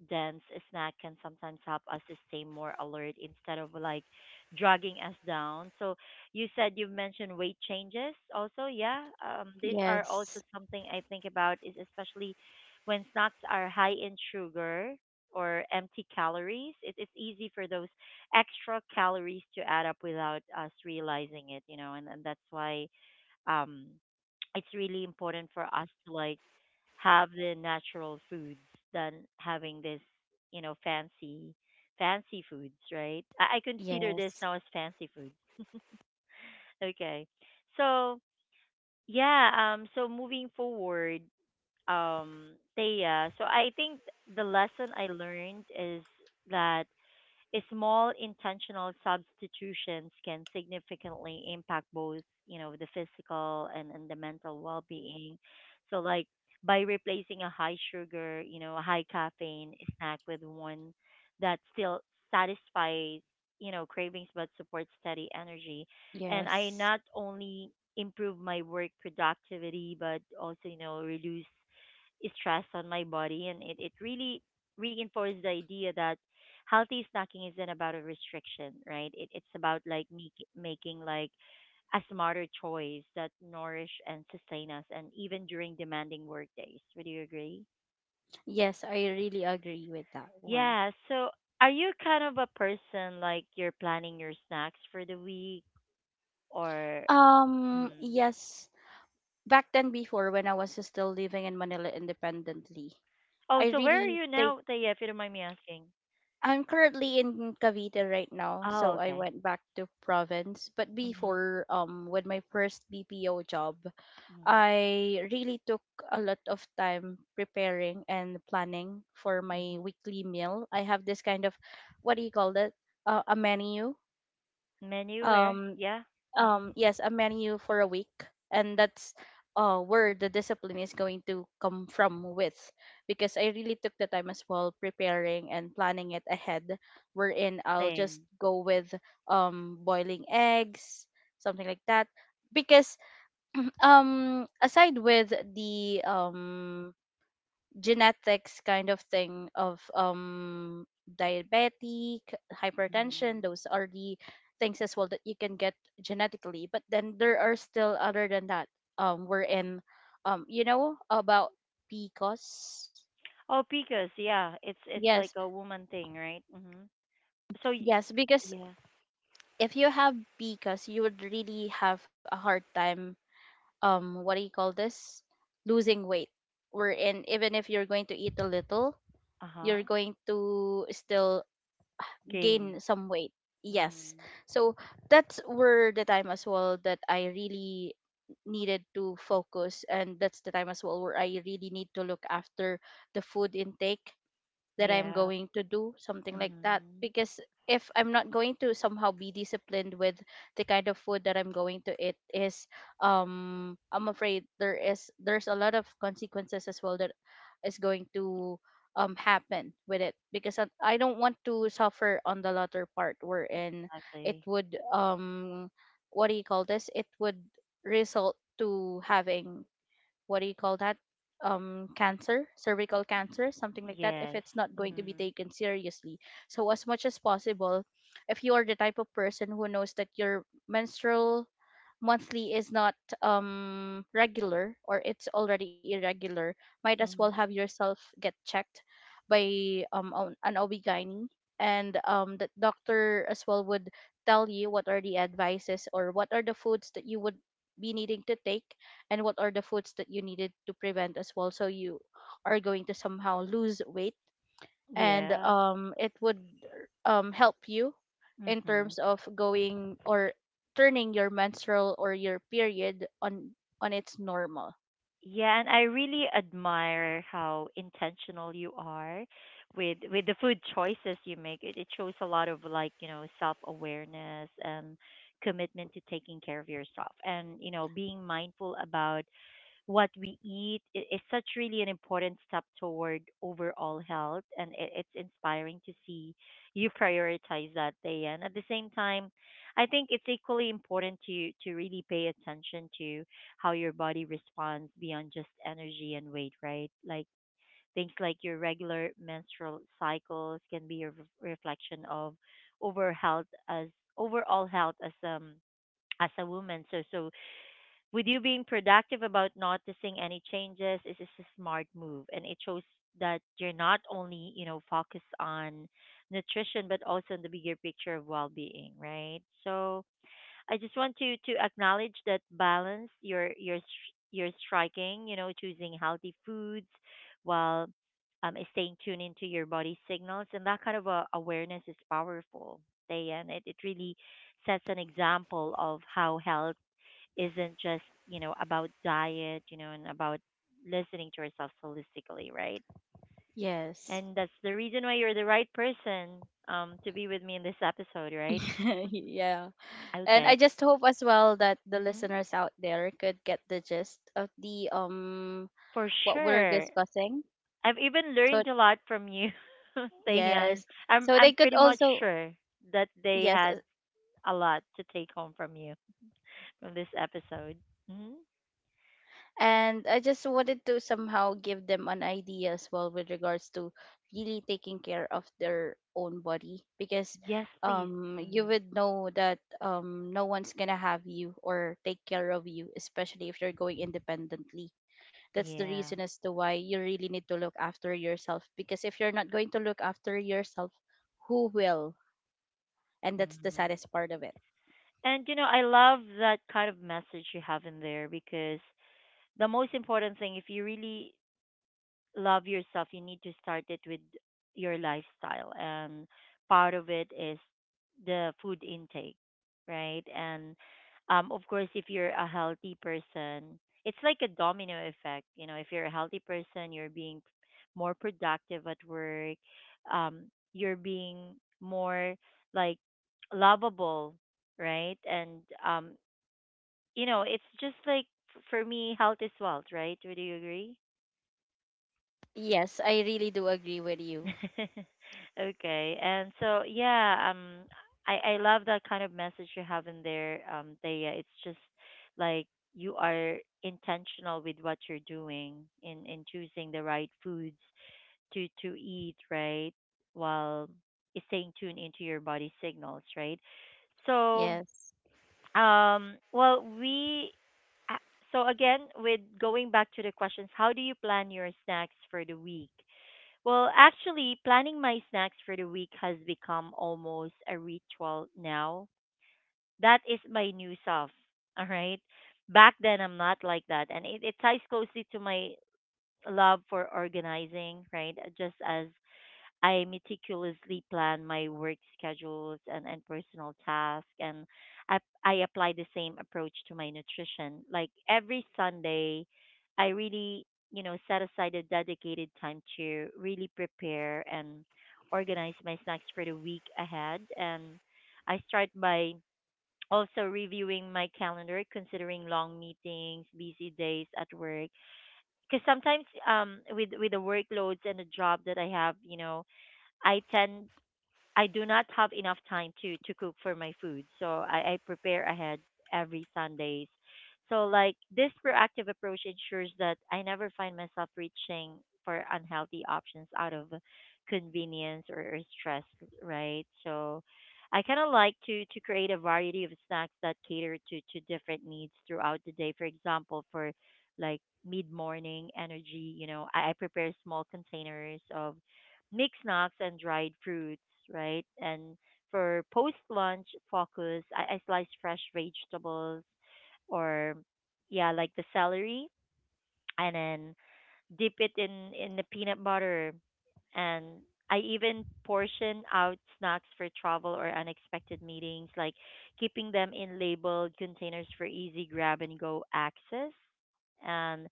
A: dense snack can sometimes help us to stay more alert instead of like dragging us down. So you said you've mentioned weight changes also, yeah. These are also
B: Yes,
A: something I think about, is especially when snacks are high in sugar or empty calories. It, it's easy for those extra calories to add up without us realizing it, you know. And, that's why um it's really important for us to like have the natural foods than having this, you know, fancy foods, right? I consider this
B: yes,
A: now as fancy foods. Okay. So yeah, so moving forward, Thea, so I think the lesson I learned is that small intentional substitutions can significantly impact both, you know, the physical and, the mental well-being. So like by replacing a high sugar, you know, a high caffeine snack with one that still satisfies, you know, cravings but supports steady energy, and I
B: yes.
A: not only improve my work productivity but also, you know, reduce stress on my body. And it really reinforced the idea that healthy snacking isn't about a restriction, right? It, it's about like me making like a smarter choice that nourish and sustain us and even during demanding work days. Would you agree?
B: Yes, I really agree with that one.
A: Yeah, so are you kind of a person like you're planning your snacks for the week or? Mm.
B: Yes. Back then, before when I was still living in Manila independently,
A: Oh,
B: I
A: so where are
B: really
A: you
B: take.
A: now, Taya, if you don't mind me asking?
B: I'm currently in Cavite right now,
A: Oh,
B: so I
A: okay.
B: went back to province. But
A: Mm-hmm.
B: before, with my first BPO job, I really took a lot of time preparing and planning for my
A: Mm-hmm.
B: weekly meal. I have this kind of, what do you call it? A menu.
A: Menu where?
B: Um,
A: Yeah. Mhm.
B: yes, a menu for a week, and that's where the discipline is going to come from with, because I really took the time as well preparing and planning it ahead, wherein I'll just
A: Same.
B: go with boiling eggs, something like that. Because aside with the genetics kind of thing of diabetic, hypertension,
A: Mhm.
B: those are the things as well that you can get genetically, but then there are still other than that, we're in, you know about PCOS.
A: Oh, because yeah, it's
B: Yes.
A: like a woman thing, right? Mhm. So
B: Yes, because
A: yeah.
B: if you have PCOS you would really have a hard time, what do you call this, losing weight, we're in even if you're going to eat a little, you're
A: Uh-huh.
B: going to still
A: Gain.
B: gain some weight. Yes.
A: Mhm.
B: So that's were the time as well that I really needed to focus, and that's the time as well where I really need to look after the food intake that I'm
A: Yeah.
B: going to do, something like that.
A: Mhm.
B: Because if I'm not going to somehow be disciplined with the kind of food that I'm going to eat is, I'm afraid there's a lot of consequences as well that is going to happen with it, because I don't want to suffer on the latter part, wherein it
A: Exactly.
B: would, what do you call this? It would result to having, what do you call that, cancer, cervical cancer, something like that, if
A: Yes.
B: it's not going to be
A: Mhm.
B: taken seriously. So as much as possible, if you are the type of person who knows that your menstrual monthly is not regular, or it's already irregular, might as well have
A: Mhm.
B: yourself get checked by an ob, and the doctor as well would tell you what are the advices or what are the foods that you would be needing to take, and what are the foods that you needed to prevent as well, so you are going to somehow lose weight, and
A: Yeah.
B: it would help you in
A: Mhm.
B: terms of going or turning your menstrual or your period on its normal.
A: Yeah, and I really admire how intentional you are with the food choices you make. It shows a lot of like, you know, self-awareness and commitment to taking care of yourself. And, you know, being mindful about what we eat is such really an important step toward overall health. And it, it's inspiring to see you prioritize that day. And at the same time, I think it's equally important to really pay attention to how your body responds beyond just energy and weight, right? Like things like your regular menstrual cycles can be a reflection of over health as overall health as, as a woman. So with you being productive about noticing any changes is just a smart move, and it shows that you're not only, you know, focused on nutrition but also on the bigger picture of well-being, right? So I just want to acknowledge that balance you're you're striking, you know, choosing healthy foods while, staying tuned into your body signals. And that kind of a awareness is powerful. Day and it really sets an example of how health isn't just, you know, about diet, you know, and about listening to yourself holistically, right?
B: Yes.
A: And that's the reason why you're the right person, to be with me in this episode, right?
B: *laughs* yeah, and I
A: Okay.
B: just hope as well that the
A: Mhm.
B: listeners out there could get the gist of the,
A: For
B: what we're
A: sure.
B: discussing,
A: I've even
B: so.
A: learned a lot from you, *laughs* Tayan.
B: Yes.
A: I'm
B: So they could
A: pretty much
B: also.
A: sure that they
B: Yes.
A: had a lot to take home from you, from this episode. Mhm.
B: And I just wanted to somehow give them an idea as well with regards to really taking care of their own body, because
A: Yes, please.
B: you
A: Hmm.
B: would know that no one's gonna have you or take care of you, especially if you're going independently. That's the
A: Yeah.
B: reason as to why you really need to look after yourself, because if you're not going to look after yourself, who will? And that's the
A: Mm-hmm.
B: saddest part of it.
A: And you know, I love that kind of message you have in there, because the most important thing, if you really love yourself, you need to start it with your lifestyle. And part of it is the food intake, right? And, of course, if you're a healthy person, it's like a domino effect. You know, if you're a healthy person, you're being more productive at work, um, you're being more like lovable, right? And, um, you know, it's just like, for me, health is wealth, right? Would you agree?
B: Yes, I really do agree with you.
A: *laughs* Okay. And so yeah, um, I love that kind of message you have in there, um, Thea. It's just like you are intentional with what you're doing in choosing the right foods to eat, right? While staying tuned into your body signals, right? So,
B: Yes.
A: um, well, a- so again, with going back to the questions, how do you plan your snacks for the week? Well, actually, planning my snacks for the week has become almost a ritual now. That is my new self. All right. Back then, I'm not like that. And it ties closely to my love for organizing, right? Just as I meticulously plan my work schedules and, personal tasks, and I, I apply the same approach to my nutrition. Like every Sunday, I really, you know, set aside a dedicated time to really prepare and organize my snacks for the week ahead. And I start by also reviewing my calendar, considering long meetings, busy days at work, because sometimes, um, with the workloads and the job that I have, you know, I tend I do not have enough time to cook for my food, so I prepare ahead every Sundays. So like this proactive approach ensures that I never find myself reaching for unhealthy options out of convenience, or stress, right? So I kind of like to create a variety of snacks that cater to different needs throughout the day. For example, for like mid morning energy, you know, I prepare small containers of mixed snacks and dried fruits, right? And for post lunch focus, I slice fresh vegetables or, yeah, like the celery, and then dip it in the peanut butter. And I even portion out snacks for travel or unexpected meetings, like keeping them in labeled containers for easy grab and go access. And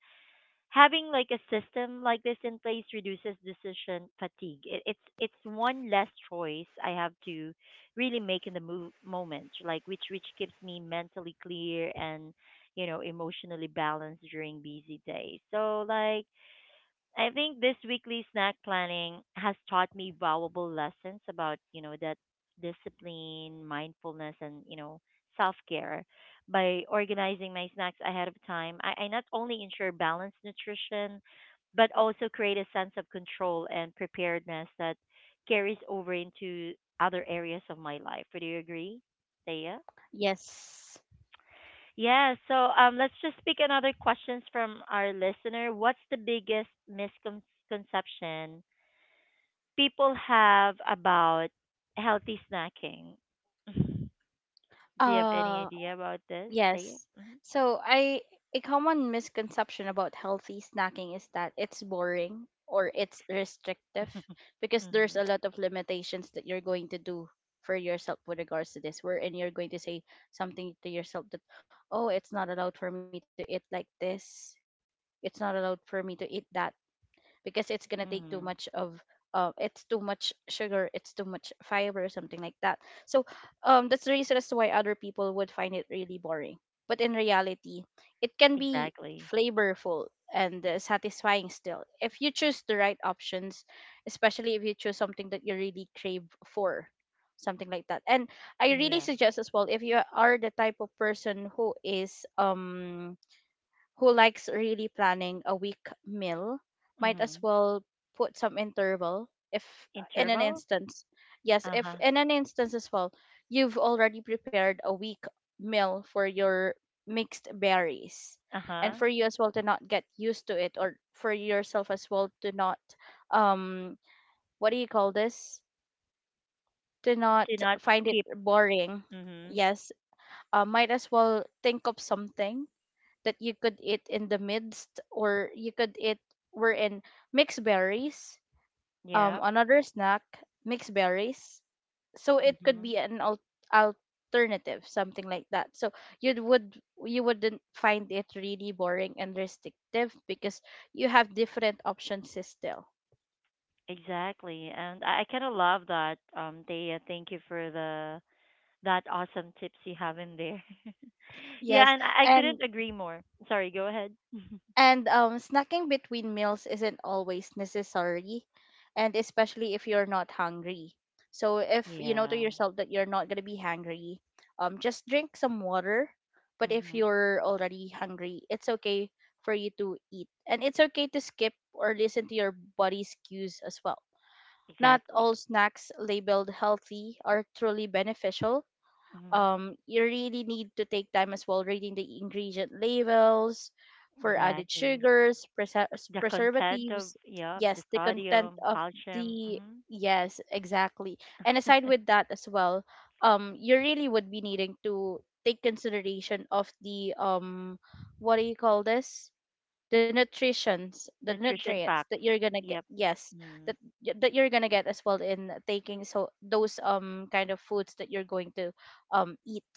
A: having like a system like this in place reduces decision fatigue. It, it's one less choice I have to really make in the moment, like, which keeps me mentally clear and, you know, emotionally balanced during busy days. So like I think this weekly snack planning has taught me valuable lessons about, you know, that discipline, mindfulness, and, you know, self care. By organizing my snacks ahead of time, I not only ensure balanced nutrition, but also create a sense of control and preparedness that carries over into other areas of my life. Would you agree, Thea?
B: Yes.
A: Yeah, so let's just pick another questions from our listener. What's the biggest misconception people have about healthy snacking? *laughs* Do you have any
B: Uh,
A: idea about this, Thea?
B: yes.
A: Mm-hmm.
B: So I a common misconception about healthy snacking is that it's boring or it's restrictive,
A: *laughs*
B: because
A: Hmm.
B: there's a lot of limitations that you're going to do for yourself with regards to this, wherein you're going to say something to yourself that, oh, it's not allowed for me to eat like this, it's not allowed for me to eat that, because it's gonna take too much of,
A: Hmm.
B: it's too much sugar, it's too much fiber, something like that. So that's the reason as to why other people would find it really boring. But in reality, it can be
A: Exactly.
B: flavorful and, satisfying still if you choose the right options, especially if you choose something that you really crave for, something like that. And I really
A: Yeah.
B: suggest as well, if you are the type of person who is who likes really planning a week meal, might
A: Hmm.
B: as well put some interval if, in an
A: Interval?
B: instance yes, if
A: Uh-huh.
B: in an instance as well you've already prepared a week meal for your mixed berries,
A: Uh-huh.
B: and for you as well to not get used to it, or for yourself as well to not, um what do you call this, to not
A: Do not
B: find it
A: skip.
B: boring.
A: Hmm.
B: Yes. Might as well think of something that you could eat in the midst, or you could eat, were in mixed berries,
A: Yeah.
B: another snack, mixed berries, so it could
A: Hmm.
B: be an alternative, something like that. So you would you wouldn't find it really boring and restrictive because you have different options still.
A: Exactly. And I kind of love that, Thea. Thank you for the that awesome tips you have in there. *laughs* Yeah,
B: Yes.
A: and I
B: and
A: couldn't agree more. Sorry, go ahead. *laughs*
B: And snacking between meals isn't always necessary, and especially if you're not hungry. So if you know to
A: Yeah.
B: yourself that you're not gonna be hungry, just drink some water. But if
A: Hmm.
B: you're already hungry, it's okay for you to eat, and it's okay to skip or listen to your body's cues as well. Not
A: Exactly.
B: all snacks labeled healthy are truly beneficial.
A: Hmm.
B: You really need to take time as well reading the ingredient labels for added
A: Exactly.
B: sugars,
A: The content of,
B: preservatives.
A: yep, the
B: Yes, the content
A: sodium,
B: of
A: calcium,
B: the
A: hmm.
B: yes, exactly. And aside
A: *laughs*
B: with that as well, you really would be needing to take consideration of the what do you call this, the nutritions, the
A: Nutrition
B: nutrients that
A: facts.
B: you're gonna get,
A: Yep.
B: yes,
A: Mm,
B: that that you're gonna get as well in taking, so those kind of foods that you're going to eat.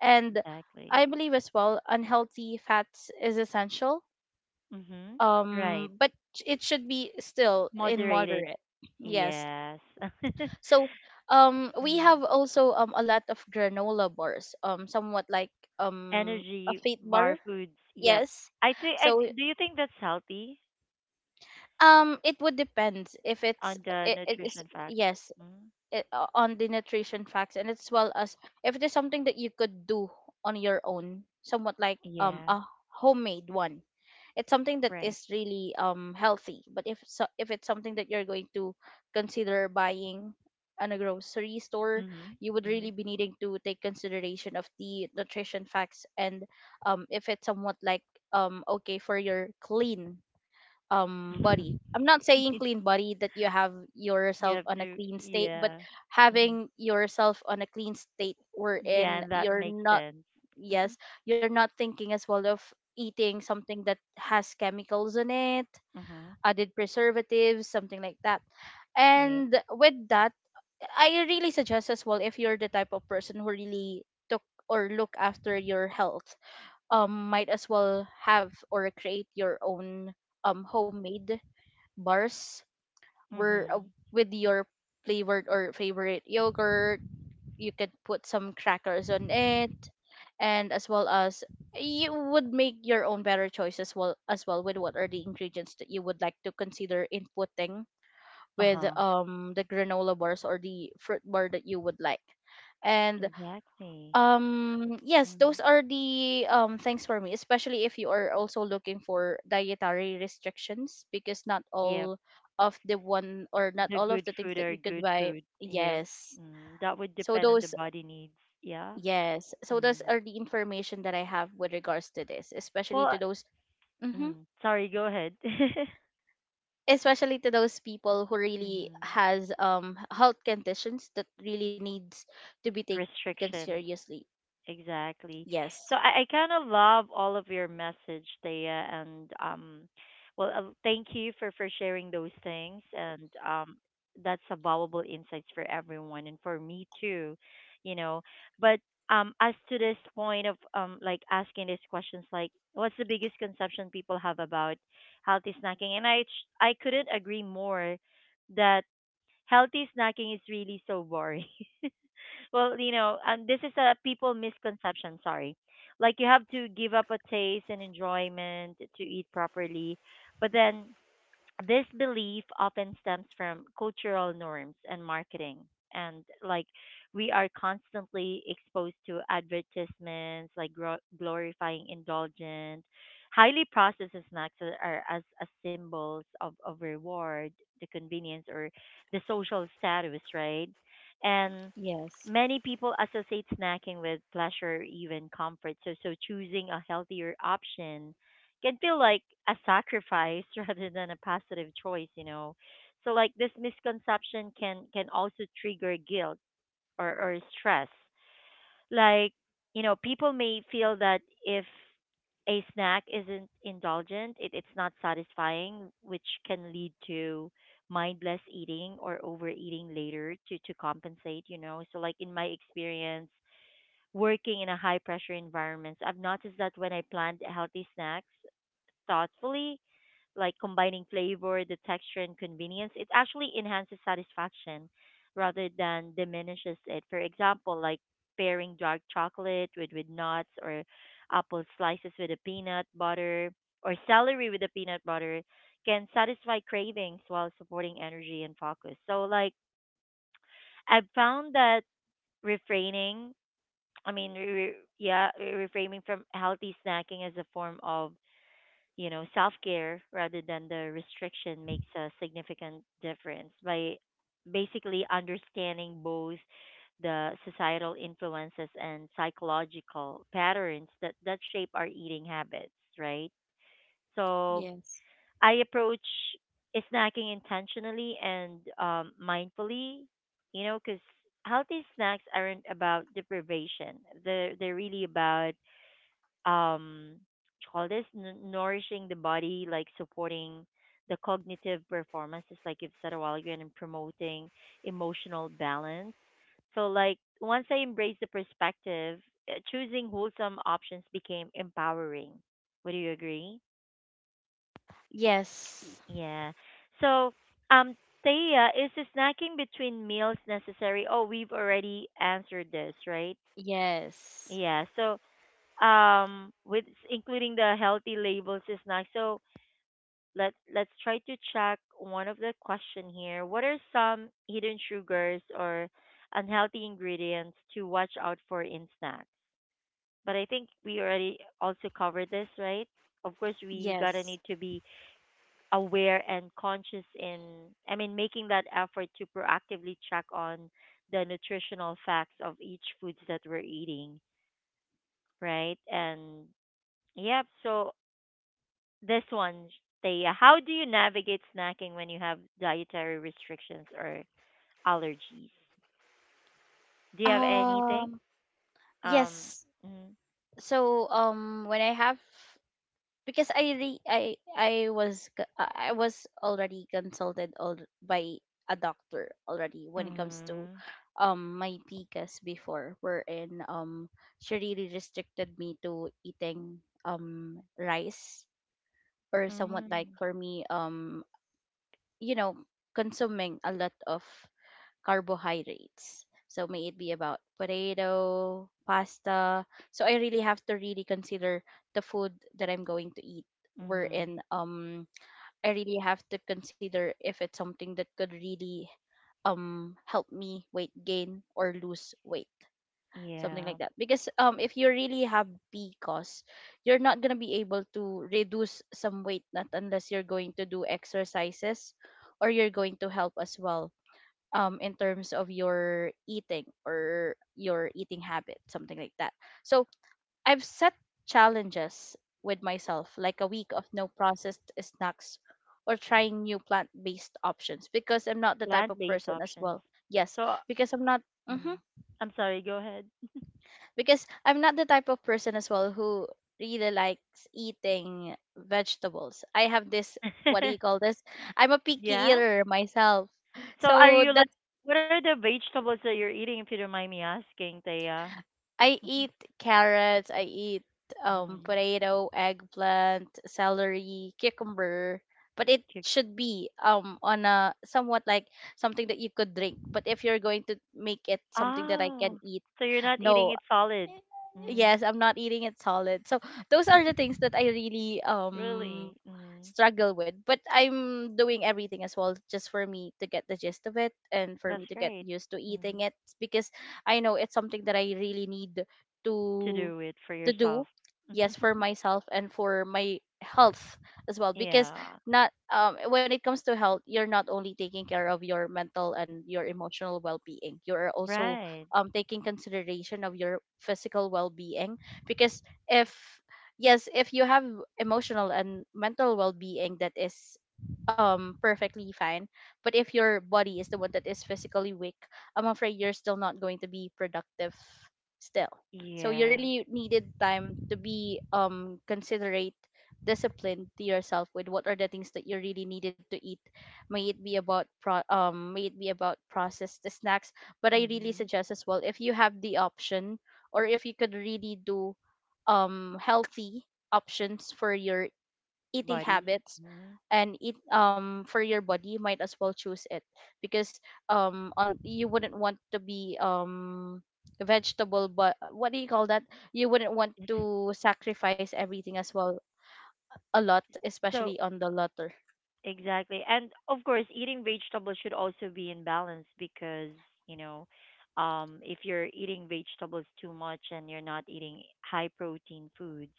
B: And
A: exactly.
B: I believe as well unhealthy fats is essential,
A: Hmm.
B: um
A: Right.
B: but sh- it should be still in
A: Moderated.
B: moderate. Yes,
A: Yes. *laughs*
B: so we
A: Mm.
B: have also a lot of granola bars, somewhat like a
A: Energy
B: fate
A: bar
B: bar,
A: foods. Yep.
B: yes.
A: I think.
B: So
A: Do you think that's healthy
B: It would depend if it's
A: on the
B: it, it is
A: nutrition facts?
B: yes,
A: Mm.
B: on the nutrition facts, and as well as if it is something that you could do on your own, somewhat like
A: Yeah.
B: a homemade one. It's something that
A: Right.
B: is really healthy. But if so, if it's something that you're going to consider buying on a grocery store,
A: Mm-hmm.
B: you would really be needing to take consideration of the nutrition facts and if it's somewhat like okay for your clean body. I'm not saying
A: Mm-hmm. *laughs*
B: clean body that you have
A: You
B: yourself
A: have
B: on a
A: to,
B: clean state, but
A: yeah. Hmm.
B: having yourself on a clean state
A: Yeah,
B: wherein
A: and that
B: you're
A: makes
B: not,
A: sense. Mm-hmm.
B: yes, you're not thinking as well of eating something that has chemicals in it,
A: Mm-hmm.
B: added preservatives, something like that.
A: Yep.
B: And with that, I really suggest as well, if you're the type of person who really took or look after your health, might as well have or create your own homemade bars were
A: Mm-hmm.
B: with your flavored or favorite yogurt. You could put some crackers on it, and as well as you would make your own better choice as well, as well with what are the ingredients that you would like to consider inputting with
A: Uh-huh.
B: the granola bars or the fruit bar that you would like. And
A: Exactly.
B: yes,
A: Mm-hmm.
B: those are the things for me, especially if you are also looking for dietary restrictions, because not
A: Yep.
B: all of the one, or not
A: The
B: all of
A: good
B: the things
A: food
B: that
A: are
B: you could
A: good
B: buy,
A: food. Yep.
B: yes.
A: Mm. That would
B: so
A: depend on the
B: those
A: body needs. Yeah.
B: Yes, so those
A: Mm.
B: are the information that I have with regards to this, especially
A: Well,
B: to those, hmm,
A: mm. sorry, go ahead. *laughs* mm.
B: especially to those people who really has health conditions that really needs to be taken
A: Restrictions.
B: seriously.
A: Exactly.
B: Yes
A: So I kind of love all of your message, Thea, and well, thank you for sharing those things, and that's a valuable insights for everyone and for me too, you know. But as to this point of like asking these questions, like what's the biggest conception people have about healthy snacking, and I couldn't agree more that healthy snacking is really so boring. *laughs* And this is a people misconception, sorry. Like you have to give up a taste and enjoyment to eat properly. But then this belief often stems from cultural norms and marketing. And like we are constantly exposed to advertisements, like glorifying indulgent, highly processed snacks that are as symbols of reward, the convenience, or the social status, right? And
B: yes
A: many people associate snacking with pleasure or even comfort. So choosing a healthier option can feel like a sacrifice *laughs* rather than a positive choice, you know. So like this misconception can also trigger guilt or stress. Like, you know, people may feel that if a snack isn't indulgent, it's not satisfying, which can lead to mindless eating or overeating later to compensate, you know. So like in my experience working in a high pressure environment, I've noticed that when I planned healthy snacks thoughtfully, like combining flavor, the texture, and convenience, it actually enhances satisfaction rather than diminishes it. For example, like pairing dark chocolate with nuts or apple slices with a peanut butter or celery with a peanut butter can satisfy cravings while supporting energy and focus. So like I've found that refraining, I mean, re- re- yeah, re- refraining from healthy snacking as a form of self care rather than the restriction makes a significant difference by basically understanding both the societal influences and psychological patterns that shape our eating habits, right? So
B: Yes.
A: I approach snacking intentionally and mindfully, you know, because healthy snacks aren't about deprivation. They're really about what you call this nourishing the body, like supporting the cognitive performances like you've said a while ago, and promoting emotional balance. So like once I embraced the perspective, choosing wholesome options became empowering. Would you agree?
B: Yes.
A: Yeah. So um Thea, is the snacking between meals necessary? Oh, we've already answered this, right?
B: Yes.
A: Yeah. So, with including the healthy labels is nice. So, let's try to check one of the question here. What are some hidden sugars or unhealthy ingredients to watch out for in snacks? But I think we already also covered this, right? Of course, we gotta need
B: Yes.
A: to be aware and conscious in, I mean, making that effort to proactively check on the nutritional facts of each foods that we're eating, right? And yep, so this one, they, how do you navigate snacking when you have dietary restrictions or allergies? Do you have anything?
B: Um
A: Um,
B: yes.
A: mm,
B: So when I have, because I re- I was g- I was already consulted by a doctor already when it comes to
A: mhm.
B: my PCAS before, wherein she really restricted me to eating rice, or somewhat like,
A: Mhm.
B: for me, you know, consuming a lot of carbohydrates. So may it be about potato, pasta. So I really have to really consider the food that I'm going to eat. Wherein
A: Mhm.
B: I really have to consider if it's something that could really help me weight gain or lose weight. Something like
A: Yeah,
B: that. Because if you really have, because you're not gonna be able to reduce some weight, not unless you're going to do exercises, or you're going to help as well, in terms of your eating or your eating habit, something like that. So I've set challenges with myself, like a week of no processed snacks or trying new plant based options, because I'm not the type of
A: plant-based
B: person as
A: options.
B: well. Yes,
A: So,
B: because I'm not.
A: mm,
B: Hmm.
A: I'm sorry. Go ahead.
B: Because I'm not the type of person as well who really likes eating vegetables. I have this, what do you
A: *laughs*
B: call this? I'm a picky
A: yeah.
B: eater myself.
A: So, are
B: So
A: you like,
B: that,
A: what are the vegetables that you're eating? If you don't mind me asking, Taya.
B: I
A: Mhm.
B: eat carrots, I eat
A: Mhm.
B: potato, eggplant, celery, cucumber, but it
A: Chick-
B: should be on a somewhat like something that you could drink. But if you're going to make it something that I can
A: Oh,
B: eat,
A: so you're not eating
B: no.
A: it solid. Mm.
B: Yes, I'm not eating it solid. So those are the things that I really
A: Really? Mm,
B: struggle with, but I'm doing everything as well just for me to get the gist of it and for
A: that's
B: me to get
A: great.
B: used to
A: Mm,
B: eating it, because I know it's something that I really need
A: to
B: to
A: do it for
B: to do.
A: yourself. *laughs*
B: Yes, for myself and for my health as well, because
A: yeah.
B: not, when it comes to health, you're not only taking care of your mental and your emotional well-being, you're also,
A: Right.
B: taking consideration of your physical well-being, because if yes, if you have emotional and mental well-being that is perfectly fine, but if your body is the one that is physically weak, I'm afraid you're still not going to be productive still. So you
A: Yeah.
B: really needed time to be considerate, disciplined to yourself with what are the things that you really needed to eat, may it be about processed snacks. But I really
A: Mm-hmm.
B: suggest as well, if you have the option or if you could really do healthy options for your eating
A: Body.
B: habits,
A: Mm-hmm.
B: and eat for your body, you might as well choose it, because on you wouldn't want to be vegetable, but what do you call that, you wouldn't want
A: It's
B: to sacrifice everything as well, a lot,
A: so
B: especially on the latter.
A: exactly. And of course, eating vegetables should also be in balance because, you know, if you're eating vegetables too much and you're not eating high protein foods,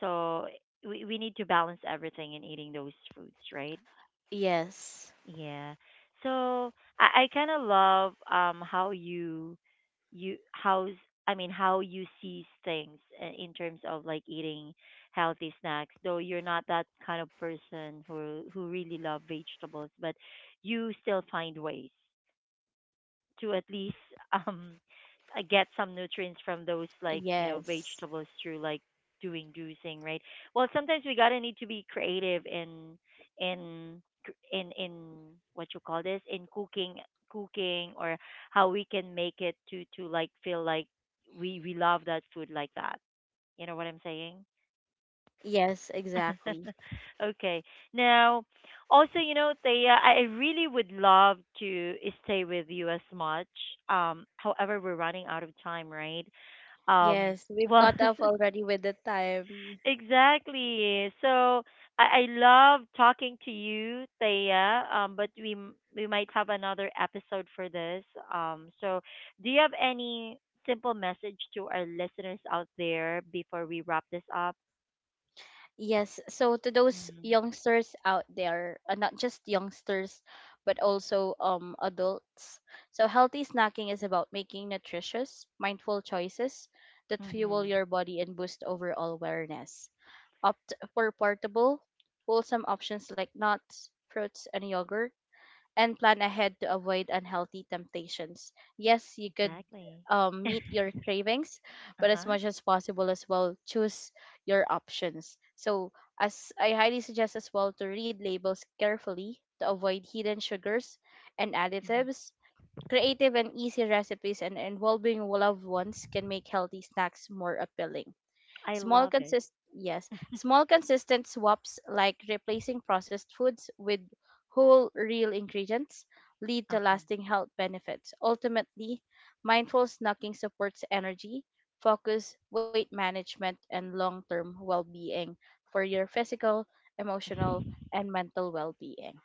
A: so we need to balance everything in eating those foods, right?
B: Yes.
A: Yeah. So I kind of love how you you how's I mean how you see things in terms of like eating healthy snacks. Though you're not that kind of person who really love vegetables, but you still find ways to at least um get some nutrients from those like you know
B: Yes.
A: vegetables through like doing juicing, right? Well, sometimes we gotta need to be creative in in cr- in in what you call this, in cooking, cooking, or how we can make it to like feel like we love that food like that. You know what I'm saying?
B: Yes,
A: *laughs*
B: exactly.
A: Okay. Now, also, you know, Thea, I really would love to stay with you as much. However, we're running out of time, right? Um,
B: Yes, we've
A: well,
B: caught up
A: *laughs*
B: already with the time.
A: exactly. So I love talking to you, Thea. But we might have another episode for this. So do you have any simple message to our listeners out there before we wrap this up?
B: Yes, so to those youngsters out there, not just youngsters, but also adults. So healthy snacking is about making nutritious, mindful choices that fuel
A: Mm-hmm.
B: your body and boost overall wellness. Opt for portable, wholesome options like nuts, fruits, and yogurt, and plan ahead to avoid unhealthy temptations. Yes, you could
A: Exactly. *laughs*
B: meet your cravings, but as
A: uh-huh.
B: much as possible as well, choose your options. So, as I highly suggest as well, to read labels carefully to avoid hidden sugars and
A: Mhm.
B: additives. Creative and easy recipes and involving loved ones can make healthy snacks more appealing.
A: I
B: Small
A: love it.
B: consist Yes, small consistent swaps like replacing processed foods with whole real ingredients lead to
A: Uh-huh.
B: lasting health benefits. Ultimately, mindful snacking supports energy, focus, weight management and long-term well-being for your physical, emotional and mental well-being.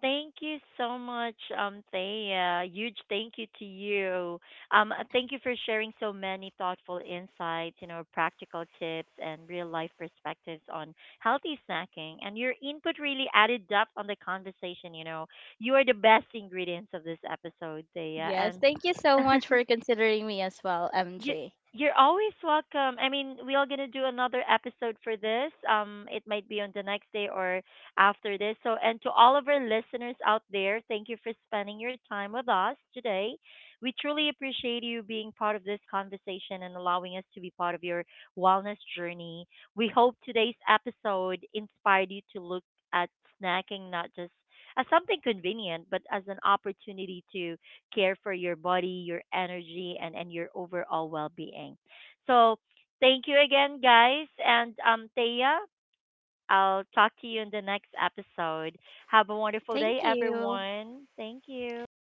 A: Thank you so much, Thea. Huge thank you to you. Thank you for sharing so many thoughtful insights, you know, practical tips and real life perspectives on healthy snacking. And your input really added depth on the conversation. You know, you are the best ingredients of this episode, Thea.
B: Yes,
A: And
B: thank you so
A: *laughs*
B: much for considering me as well,
A: you,
B: MJ.
A: you're always welcome. I mean, we are gonna do another episode for this. It might be on the next day or after this. So, and to all of our listeners out there, thank you for spending your time with us today. We truly appreciate you being part of this conversation and allowing us to be part of your wellness journey. We hope today's episode inspired you to look at snacking not just as something convenient, but as an opportunity to care for your body, your energy, and your overall well being. So, thank you again, guys. And, Thea, I'll talk to you in the next episode. Have a wonderful
B: Thank
A: day,
B: you.
A: everyone. Thank you.
B: Bye